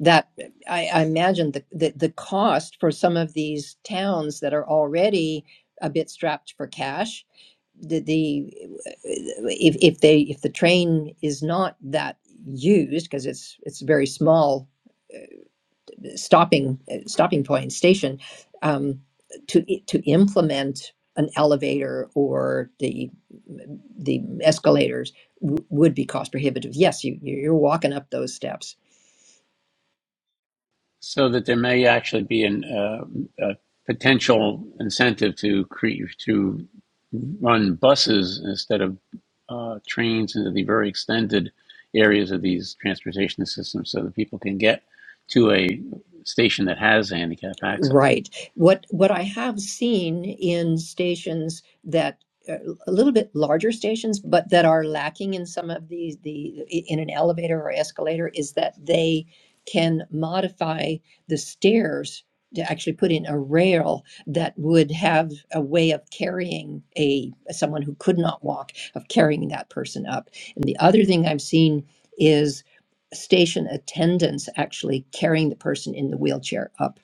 Speaker 3: That I, I imagine the, the the cost for some of these towns that are already a bit strapped for cash. The, the if if they if the train is not that used because it's it's a very small stopping uh, stopping point station um, to to implement an elevator or the the escalators w- would be cost prohibitive. Yes, you you're walking up those steps.
Speaker 1: so that there may actually be an, uh, a potential incentive to create to run buses instead of uh, trains into the very extended areas of these transportation systems, so that people can get to a station that has handicap access.
Speaker 3: Right. What what I have seen in stations that uh, a little bit larger stations, but that are lacking in some of these the in an elevator or escalator is that they can modify the stairs to actually put in a rail that would have a way of carrying a someone who could not walk of carrying that person up. And the other thing I've seen is station attendants actually carrying the person in the wheelchair up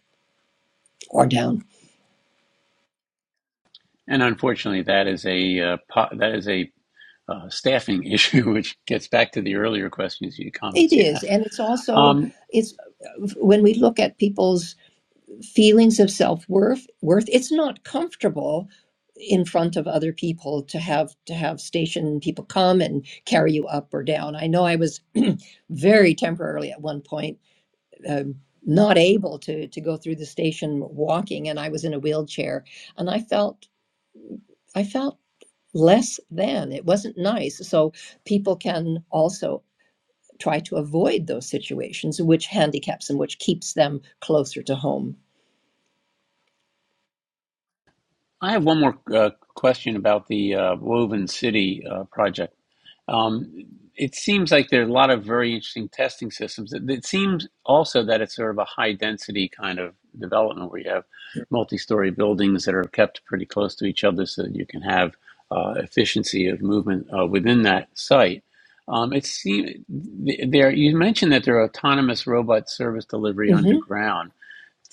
Speaker 3: or down.
Speaker 1: And unfortunately, that is a uh, po- that is a uh, staffing issue, which gets back to the earlier questions, you
Speaker 3: It
Speaker 1: comments you
Speaker 3: is,
Speaker 1: had.
Speaker 3: and it's also
Speaker 1: Um,
Speaker 3: it's when we look at people's feelings of self worth. Worth. It's not comfortable in front of other people to have to have station people come and carry you up or down. I know I was very temporarily at one point. Um, not able to to go through the station walking and I was in a wheelchair and I felt I felt less than it wasn't nice so people can also try to avoid those situations, which handicaps them, which keeps them closer to home.
Speaker 1: I have one more uh, question about the uh, Woven City uh, project. Um, it seems like there are a lot of very interesting testing systems. It, it seems also that it's sort of a high density kind of development where you have multi story buildings that are kept pretty close to each other so that you can have uh, efficiency of movement uh, within that site. Um, it seems there you mentioned that there are autonomous robot service delivery
Speaker 3: hmm
Speaker 1: underground.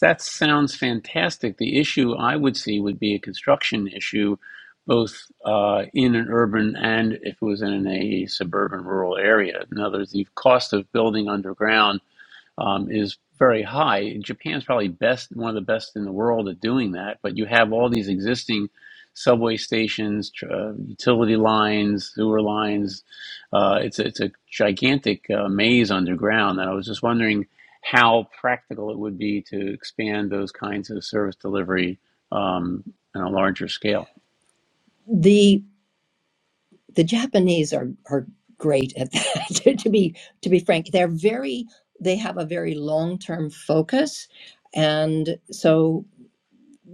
Speaker 1: That sounds fantastic. The issue I would see would be a construction issue, both uh, in an urban and if it was in a suburban rural area. In other words, the cost of building underground um, is very high. And Japan's probably best, one of the best in the world at doing that. But you have all these existing subway stations, tr- uh, utility lines, sewer lines. Uh, it's a, it's a gigantic uh, maze underground. And I was just wondering how practical it would be to expand those kinds of service delivery um, on a larger scale.
Speaker 3: The the Japanese are are great at that. to be to be frank, they're very they have a very long term focus, and so.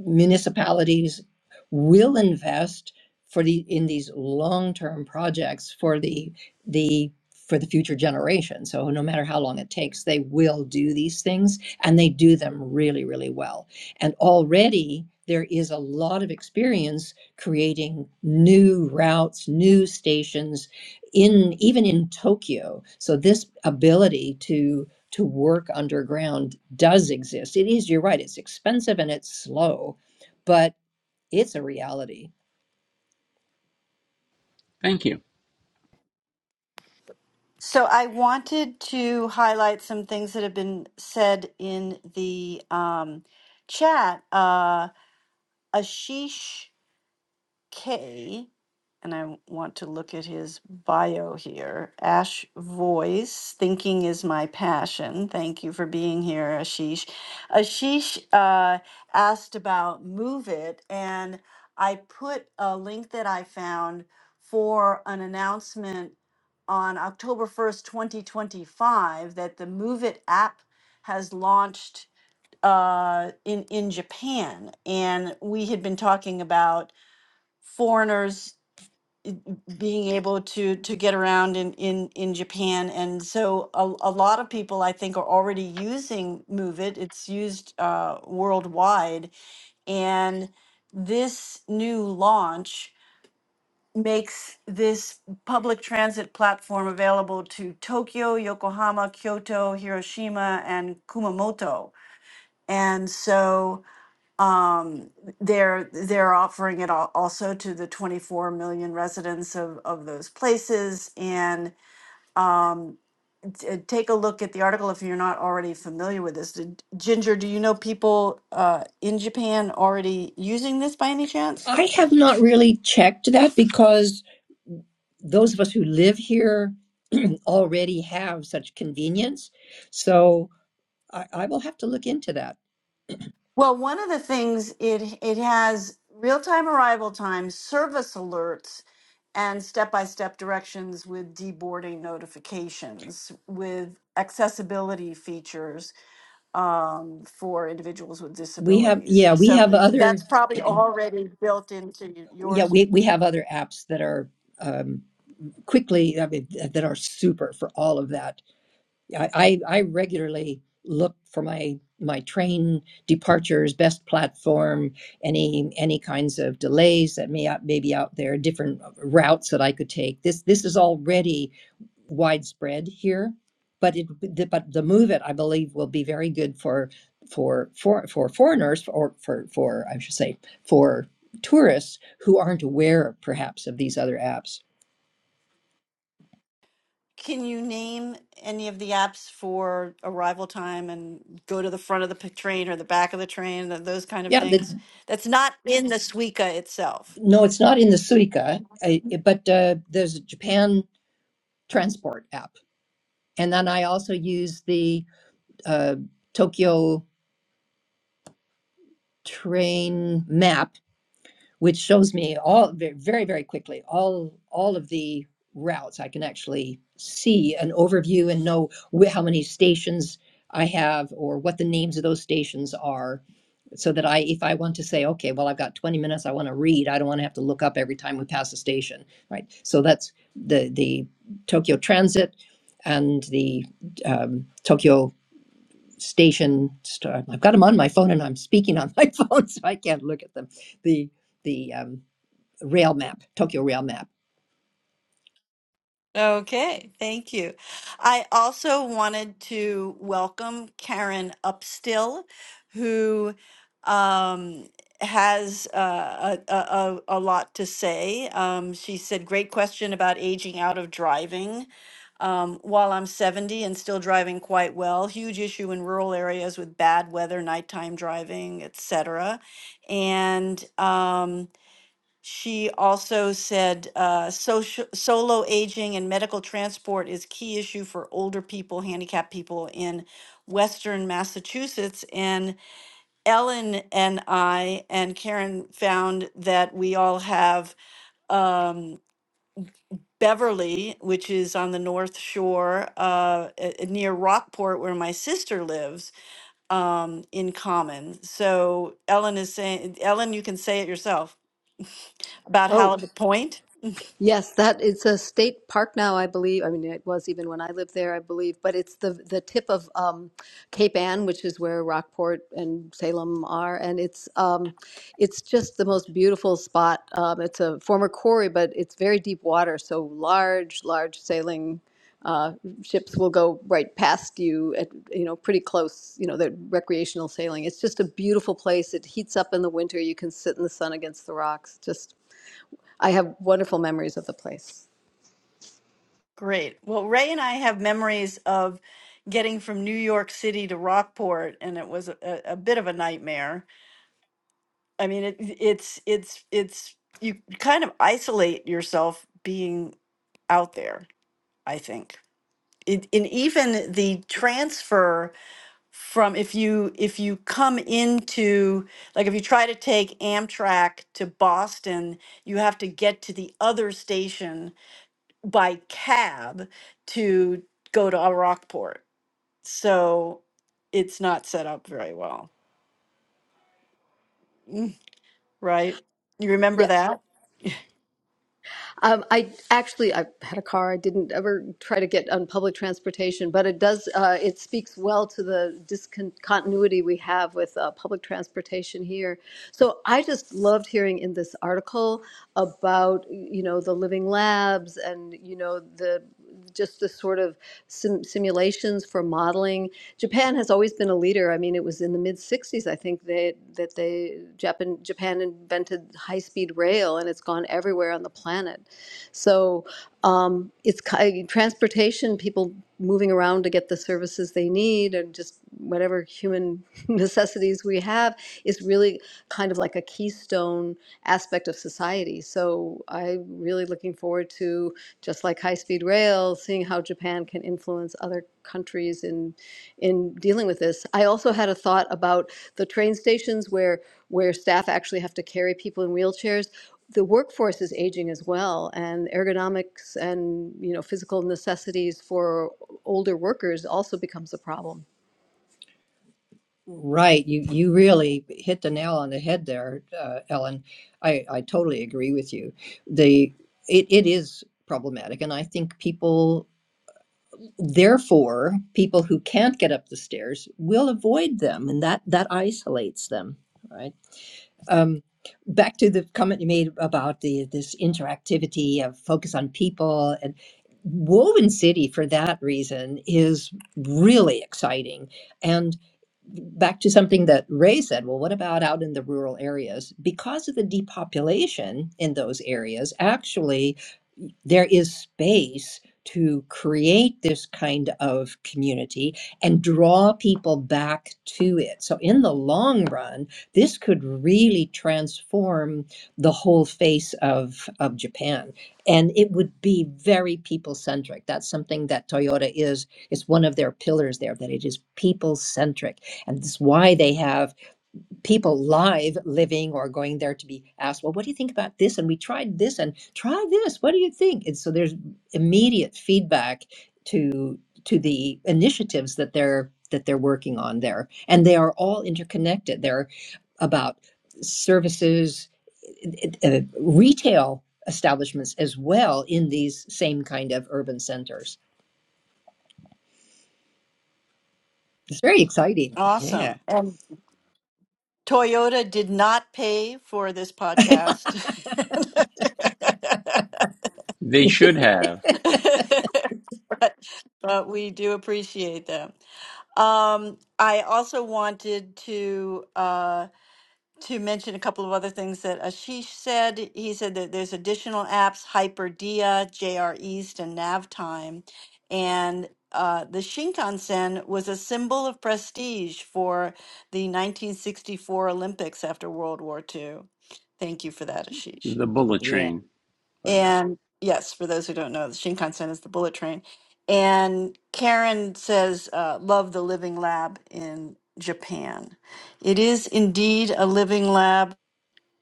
Speaker 3: municipalities will invest for the in these long-term projects for the the for the future generation. So no matter how long it takes, they will do these things and they do them really, really well. And already there is a lot of experience creating new routes, new stations in even in Tokyo. So this ability to to work underground does exist. It is, you're right, it's expensive and it's slow, but it's a reality.
Speaker 1: Thank you.
Speaker 2: So I wanted to highlight some things that have been said in the um, chat. Uh, Ashish. K, and I want to look at his bio here. Ash Voice, thinking is my passion. Thank you for being here, Ashish. Ashish uh, asked about Move It, and I put a link that I found for an announcement on October 1st, 2025, that the Move It app has launched uh, in, in Japan. And we had been talking about foreigners being able to to get around in in in Japan and so a, a lot of people I think are already using move it it's used uh worldwide and this new launch makes this public transit platform available to Tokyo, Yokohama, Kyoto, Hiroshima and Kumamoto and so um, they're they're offering it al- also to the 24 million residents of, of those places. And um, t- take a look at the article if you're not already familiar with this. Did, Ginger, do you know people uh, in Japan already using this by any chance?
Speaker 3: I have not really checked that because those of us who live here already have such convenience. So I, I will have to look into that.
Speaker 2: Well, one of the things it it has real-time arrival times, service alerts, and step-by-step directions with deboarding notifications, with accessibility features um, for individuals with
Speaker 3: We have,
Speaker 2: disabilities.
Speaker 3: yeah, we
Speaker 2: So
Speaker 3: have other,
Speaker 2: that's probably already built into y-
Speaker 3: yeah,
Speaker 2: yours.
Speaker 3: we, we have other apps that are um, quickly, I mean, that are super for all of that I, I I regularly look for my my train departures, best platform, any any kinds of delays that may out, may be out there, different routes that I could take. This this is already widespread here, but it but the move it I believe will be very good for for for for foreigners or for for I should say for tourists who aren't aware perhaps of these other apps.
Speaker 2: Can you name any of the apps for arrival time and go to the front of the p- train or the back of the train, th- those kind of
Speaker 3: Yeah, the,
Speaker 2: things? That's not in the Suica itself.
Speaker 3: no, it's not in the Suica, I, but uh, there's a Japan transport app. And then I also use the uh, Tokyo train map, which shows me all very, very quickly all all of the routes. I can actually see an overview and know wh- how many stations I have or what the names of those stations are, so that I, if I want to say, okay, well, I've got 20 minutes, I want to read. I don't want to have to look up every time we pass a station, right? So that's the the Tokyo Transit and the um, Tokyo station star i've got them on my phone and i'm speaking on my phone so i can't look at them the the um, rail map tokyo rail map
Speaker 2: Okay, thank you. I also wanted to welcome Karen Upstill, who um, has uh, a, a, a a lot to say. Um, she said, Great question about aging out of driving. Um, while I'm 70 and still driving quite well, huge issue in rural areas with bad weather, nighttime driving, etc. And um, she also said uh, social, solo aging and medical transport is key issue for older people, handicapped people in Western Massachusetts. And Ellen and I and Karen found that we all have um, Beverly, which is on the North Shore uh, e- e- near Rockport, where my sister lives, um, in common. So Ellen is saying, Ellen, you can say it yourself. About
Speaker 4: Oh.
Speaker 2: Halibut Point?
Speaker 4: Yes, that it's a state park now, I believe. I mean, it was even when I lived there, I believe. But it's the the tip of um, Cape Ann, which is where Rockport and Salem are, and it's um, it's just the most beautiful spot. Um, it's a former quarry, but it's very deep water, so large, large sailing uh, ships will go right past you at you know pretty close. You know, the recreational sailing. It's just a beautiful place. It heats up in the winter. You can sit in the sun against the rocks. Just I have wonderful memories of the place.
Speaker 2: Great. Well, Ray and I have memories of getting from New York City to Rockport, and it was a, a bit of a nightmare. I mean, it, it's it's it's you kind of isolate yourself being out there, I think. it, and even the transfer from if you if you come into like if you try to take Amtrak to Boston, you have to get to the other station by cab to go to Rockport. So it's not set up very well, Mm, right? You remember
Speaker 4: Yeah.
Speaker 2: that? Yep.
Speaker 4: Um, I actually I had a car. I didn't ever try to get on public transportation, but it does. Uh, it speaks well to the discontinuity we have with uh, public transportation here. So I just loved hearing in this article about you know the living labs and you know the just the sort of sim- simulations for modeling. Japan has always been a leader. I mean, it was in the mid '60s, I think, that that they Japan Japan invented high-speed rail, and it's gone everywhere on the planet. So um, it's transportation, people moving around to get the services they need, and just whatever human necessities we have, is really kind of like a keystone aspect of society. So I'm really looking forward to just like high-speed rail, seeing how Japan can influence other countries in in dealing with this. I also had a thought about the train stations where where staff actually have to carry people in wheelchairs. The workforce is aging as well, and ergonomics and you know physical necessities for older workers also becomes a problem.
Speaker 3: right you you really hit the nail on the head there uh, ellen i i totally agree with you the it, it is problematic and i think people therefore people who can't get up the stairs will avoid them and that that isolates them Right. Um, back to the comment you made about the this interactivity of focus on people and Woven City for that reason is really exciting. And back to something that Ray said, well, what about out in the rural areas? Because of the depopulation in those areas, actually, there is space to create this kind of community and draw people back to it. So, in the long run, this could really transform the whole face of, of Japan. And it would be very people centric. That's something that Toyota is. It's one of their pillars there, that it is people centric. And this why they have people live living or going there to be asked, well, what do you think about this? And we tried this and try this. What do you think? And so there's immediate feedback to to the initiatives that they're that they're working on there. And they are all interconnected. They're about services, uh, retail establishments as well in these same kind of urban centers. It's very exciting.
Speaker 2: Awesome.
Speaker 3: Yeah.
Speaker 2: And Toyota did not pay for this podcast.
Speaker 1: They should have
Speaker 2: but, but we do appreciate them. Um, I also wanted to uh, to mention a couple of other things that Ashish said. He said that there's additional apps, Hyperdia, JR East, and Navtime, and uh, the Shinkansen was a symbol of prestige for the 1964 Olympics after World War II. Thank you for that, Ashish.
Speaker 1: the bullet
Speaker 3: Yeah.
Speaker 1: train. By the way,
Speaker 2: And yes, for those who don't know, the Shinkansen is the bullet train. And Karen says, uh, love the living lab in Japan. It is indeed a living lab.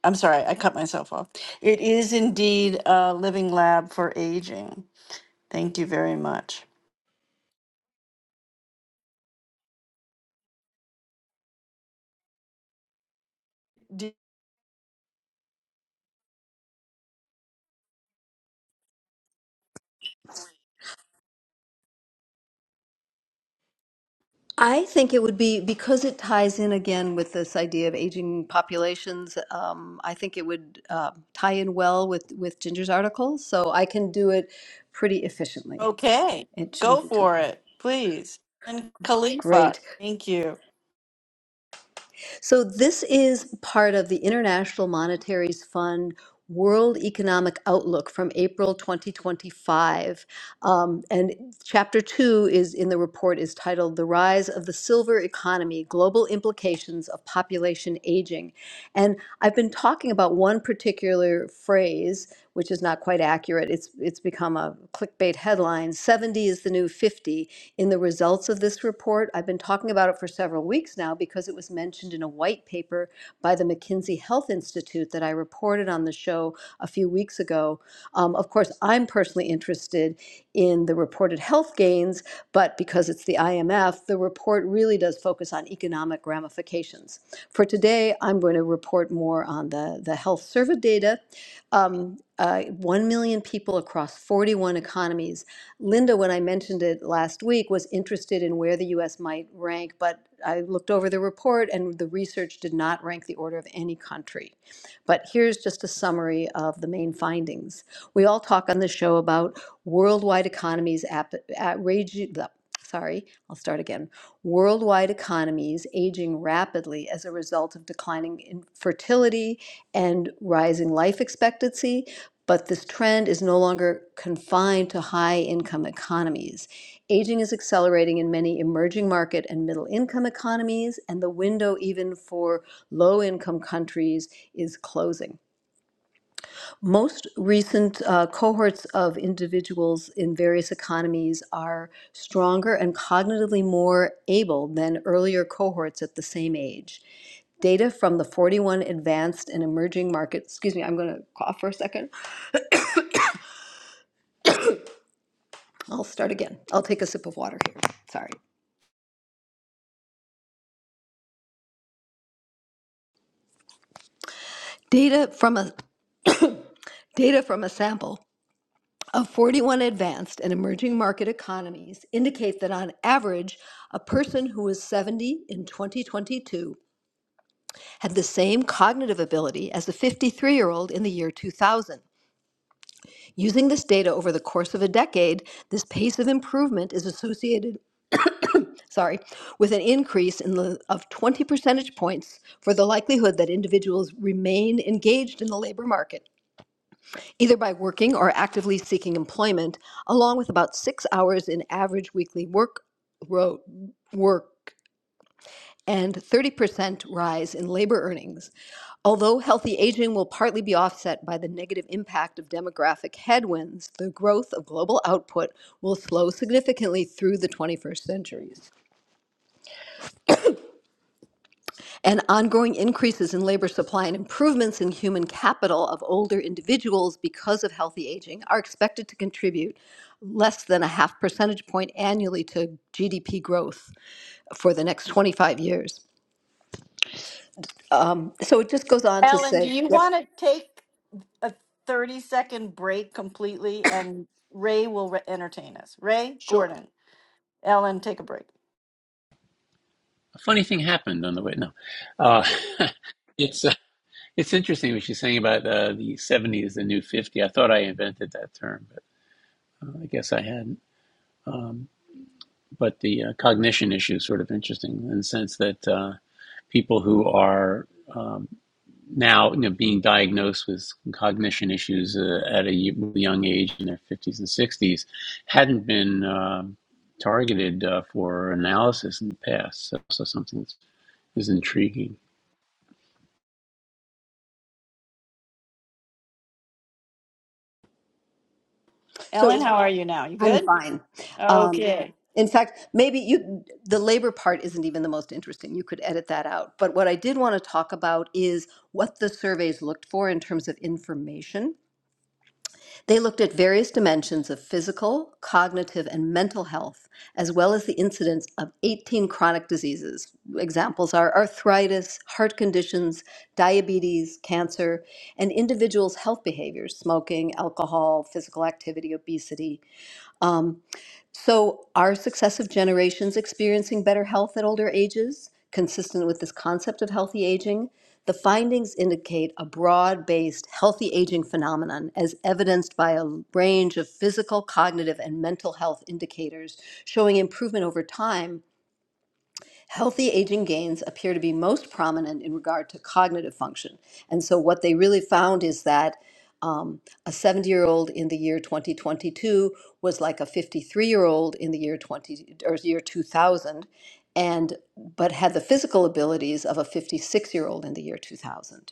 Speaker 2: I'm sorry, I cut myself off. It is indeed a living lab for aging. Thank you very much. D-
Speaker 4: I think it would be because it ties in again with this idea of aging populations. Um, I think it would uh, tie in well with with Ginger's article, so I can do it pretty efficiently.
Speaker 2: Okay,
Speaker 4: It shouldn't
Speaker 2: go
Speaker 4: be too
Speaker 2: for
Speaker 4: long.
Speaker 2: it, please. And Khalifa,
Speaker 4: Great.
Speaker 2: thank you.
Speaker 4: So this is part of the International Monetary Fund World Economic Outlook from April 2025. Um, and chapter two is in the report is titled The Rise of the Silver Economy, Global Implications of Population Aging. And I've been talking about one particular phrase, which is not quite accurate. It's it's become a clickbait headline. 70 is the new 50 in the results of this report. I've been talking about it for several weeks now because it was mentioned in a white paper by the McKinsey Health Institute that I reported on the show a few weeks ago. Um, of course, I'm personally interested in the reported health gains, but because it's the IMF, the report really does focus on economic ramifications. For today, I'm going to report more on the, the health survey data. Um, uh, 1 million people across 41 economies Linda, when I mentioned it last week, was interested in where the US might rank, but I looked over the report and the research did not rank the order of any country. But here's just a summary of the main findings. We all talk on the show about worldwide economies ap- outrage- the- Sorry, I'll start again. Worldwide economies aging rapidly as a result of declining infertility and rising life expectancy, but this trend is no longer confined to high income economies. Aging is accelerating in many emerging market and middle income economies, and the window, even for low income countries, is closing. Most recent uh, cohorts of individuals in various economies are stronger and cognitively more able than earlier cohorts at the same age. Data from the 41 advanced and emerging markets, excuse me, I'm going to cough for a second. I'll start again. I'll take a sip of water here. Sorry. Data from a data from a sample of 41 advanced and emerging market economies indicate that on average, a person who was 70 in 2022 had the same cognitive ability as a 53-year-old in the year 2000. Using this data over the course of a decade, this pace of improvement is associated, sorry, with an increase in the, of 20 percentage points for the likelihood that individuals remain engaged in the labor market either by working or actively seeking employment, along with about six hours in average weekly work, ro- work and 30% rise in labor earnings. Although healthy aging will partly be offset by the negative impact of demographic headwinds, the growth of global output will slow significantly through the 21st centuries. and ongoing increases in labor supply and improvements in human capital of older individuals because of healthy aging are expected to contribute less than a half percentage point annually to GDP growth for the next 25 years. Um, so it just goes on to
Speaker 2: Ellen, do
Speaker 4: say,
Speaker 2: you
Speaker 4: yes,
Speaker 2: want to take? a 30 second break completely and Ray will re- entertain us. Ray,
Speaker 4: sure.
Speaker 2: Gordon, Ellen, take a break.
Speaker 1: a funny thing happened on the way. No, uh, it's. uh, It's interesting what she's saying about uh, the 70 is the new 50. I thought I invented that term, but uh, I guess I hadn't. Um, but the uh, cognition issue is sort of interesting in the sense that uh, people who are um, now you know, being diagnosed with cognition issues uh, at a y- young age in their 50s and 60s hadn't been um targeted uh, for analysis in the past. So, so something that's- is intriguing.
Speaker 4: So
Speaker 2: Ellen,
Speaker 4: it's,
Speaker 2: how are you now? You
Speaker 4: I'm
Speaker 2: good?
Speaker 4: fine. Um,
Speaker 2: Okay.
Speaker 4: in fact, maybe you, the labor part isn't even the most interesting. You could edit that out. But what I did want to talk about is what the surveys looked for in terms of information They looked at various dimensions of physical, cognitive, and mental health, as well as the incidence of 18 chronic diseases. Examples are arthritis, heart conditions, diabetes, cancer, and individuals' health behaviors, smoking, alcohol, physical activity, obesity. So, are successive generations experiencing better health at older ages, consistent with this concept of healthy aging? The findings indicate a broad based healthy aging phenomenon, as evidenced by a range of physical, cognitive, and mental health indicators showing improvement over time Healthy aging gains appear to be most prominent in regard to cognitive function. And so, what they really found is that um, a 70 year old in the year 2022 was like a 53 year old in the year 20 or year 2000, and but had the physical abilities of a 56 year old in the year 2000.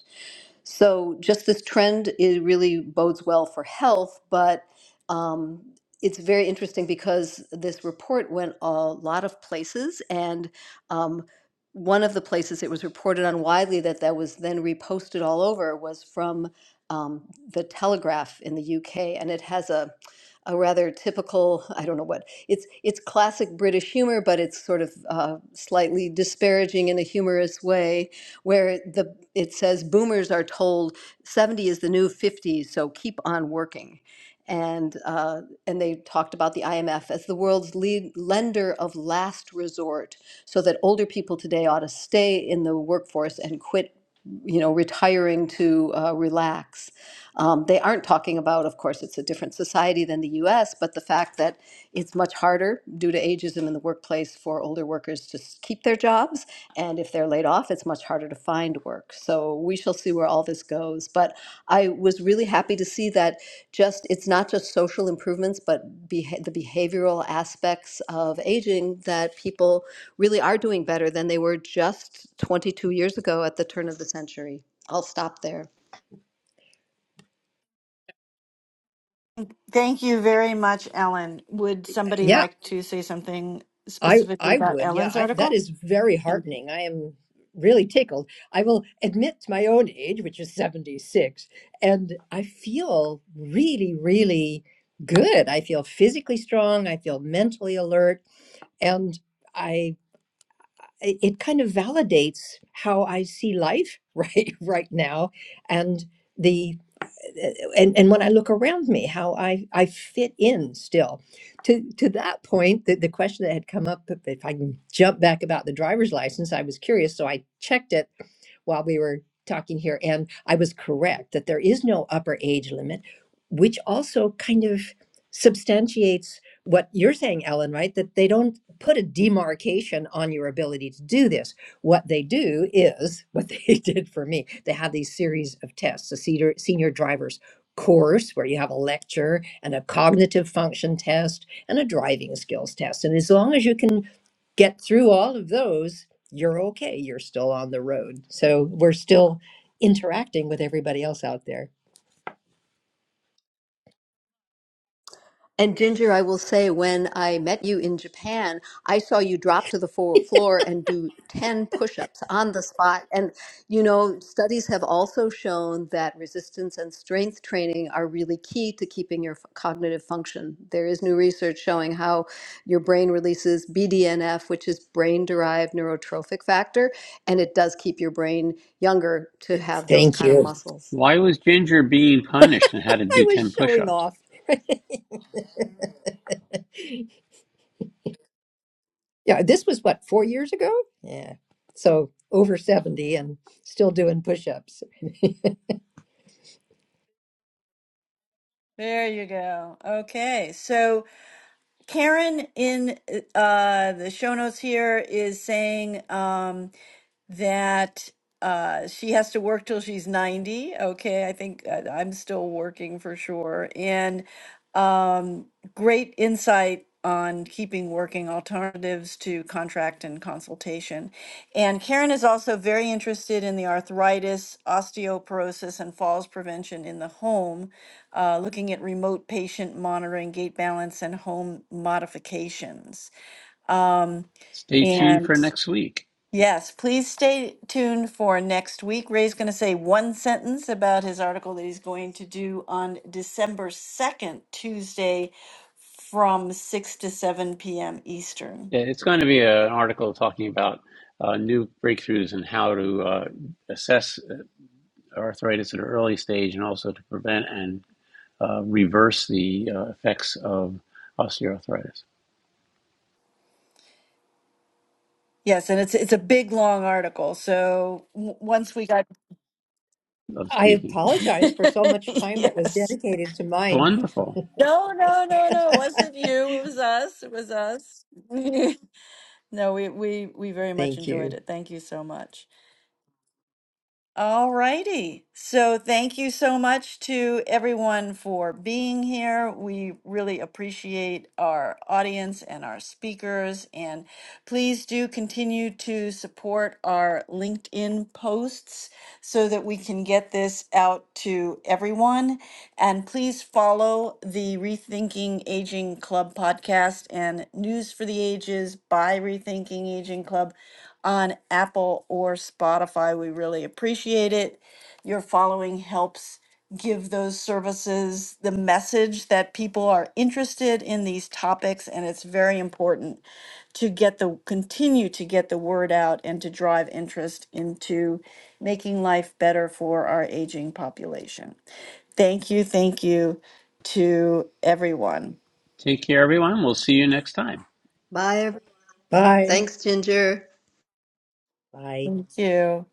Speaker 4: So just this trend it really bodes well for health, but um, it's very interesting because this report went a lot of places, and um, one of the places it was reported on widely that that was then reposted all over was from um, the Telegraph in the UK, and it has a a rather typical I don't know what it's it's classic British humor, but it's sort of uh, slightly disparaging in a humorous way where the it says boomers are told 70 is the new 50, so keep on working. And uh, and they talked about the IMF as the world's lead lender of last resort, so that older people today ought to stay in the workforce and quit, you know, retiring to uh, relax. Um, they aren't talking about, of course, it's a different society than the U.S., but the fact that it's much harder due to ageism in the workplace for older workers to s- keep their jobs and if they're laid off, it's much harder to find work. So we shall see where all this goes. But I was really happy to see that just it's not just social improvements, but beha- the behavioral aspects of aging that people really are doing better than they were just 22 years ago at the turn of the century. I'll stop there.
Speaker 2: Thank you very much, Ellen. Would somebody
Speaker 3: Yeah.
Speaker 2: like to say something
Speaker 3: I
Speaker 2: specifically
Speaker 3: I
Speaker 2: about
Speaker 3: would, yeah.
Speaker 2: Ellen's
Speaker 3: I, that
Speaker 2: article?
Speaker 3: is very
Speaker 2: Thank you.
Speaker 3: heartening. I am really tickled. I will admit to my own age, which is 76, and I feel really, really good. I feel physically strong. I feel mentally alert, and I it it kind of validates how I see life right right now, and the and and when I look around me, how I I fit in still. To to that point, the, the question that had come up, if I can jump back about the driver's license, I was curious, so I checked it while we were talking here. And I was correct that there is no upper age limit, which also kind of substantiates what you're saying, Ellen, right? That they don't put a demarcation on your ability to do this. What they do is what they did for me. They have these series of tests, a senior, senior driver's course where you have a lecture and a cognitive function test and a driving skills test. And as long as you can get through all of those, you're okay. You're still on the road. So we're still interacting with everybody else out there.
Speaker 4: And Ginger, I will say, when I met you in Japan, I saw you drop to the fo- floor and do 10 push ups on the spot. And, you know, studies have also shown that resistance and strength training are really key to keeping your f- cognitive function. There is new research showing how your brain releases BDNF, which is brain derived neurotrophic factor, and it does keep your brain younger to have those
Speaker 3: Thank
Speaker 4: kind of
Speaker 3: you.
Speaker 4: muscles.
Speaker 1: Why was Ginger being punished and had to
Speaker 3: I
Speaker 1: do
Speaker 3: was
Speaker 1: 10 push
Speaker 3: showing
Speaker 1: ups?
Speaker 3: off. yeah, this was what, four years ago? Yeah. So over 70 and still doing push ups.
Speaker 2: There you go. Okay. So Karen in uh, the show notes here is saying, um, that uh, she has to work till she's 90. Okay, I think uh, I'm still working for sure. And um, great insight on keeping working alternatives to contract and consultation. And Karen is also very interested in the arthritis, osteoporosis, and falls prevention in the home, uh, looking at remote patient monitoring, gait balance, and home modifications. Um,
Speaker 1: Stay tuned
Speaker 2: and
Speaker 1: for next week.
Speaker 2: Yes, please stay tuned for next week. Ray's going to say one sentence about his article that he's going to do on December 2nd, Tuesday from 6 to 7 p.m. Eastern.
Speaker 1: Yeah, it's going to be a- an article talking about uh, new breakthroughs and how to uh, assess uh, arthritis at an early stage and also to prevent and uh, reverse the uh, effects of osteoarthritis
Speaker 2: Yes, and it's it's a big long article. So w- once we got
Speaker 1: of
Speaker 3: I
Speaker 1: speaking.
Speaker 3: apologize for so much time that was
Speaker 2: Yes.
Speaker 3: dedicated to mine.
Speaker 1: Wonderful.
Speaker 2: No, no, no, no. It wasn't you. It was us. It was us. no, we we we very much
Speaker 3: Thank
Speaker 2: enjoyed
Speaker 3: you.
Speaker 2: it. Thank you so much. All righty. So thank you so much to everyone for being here. We really appreciate our audience and our speakers. And please do continue to support our LinkedIn posts so that we can get this out to everyone. And please follow the Rethinking Aging Club podcast and News for the Ages by Rethinking Aging Club on Apple or Spotify. We really appreciate it. Your following helps give those services the message that people are interested in these topics and it's very important to get the continue to get the word out and to drive interest into making life better for our aging population. Thank you, thank you to everyone.
Speaker 1: Take care, everyone. We'll see you next time.
Speaker 4: Bye. everyone.
Speaker 3: Bye.
Speaker 4: Thanks, Ginger.
Speaker 3: Bye.
Speaker 2: Thank you.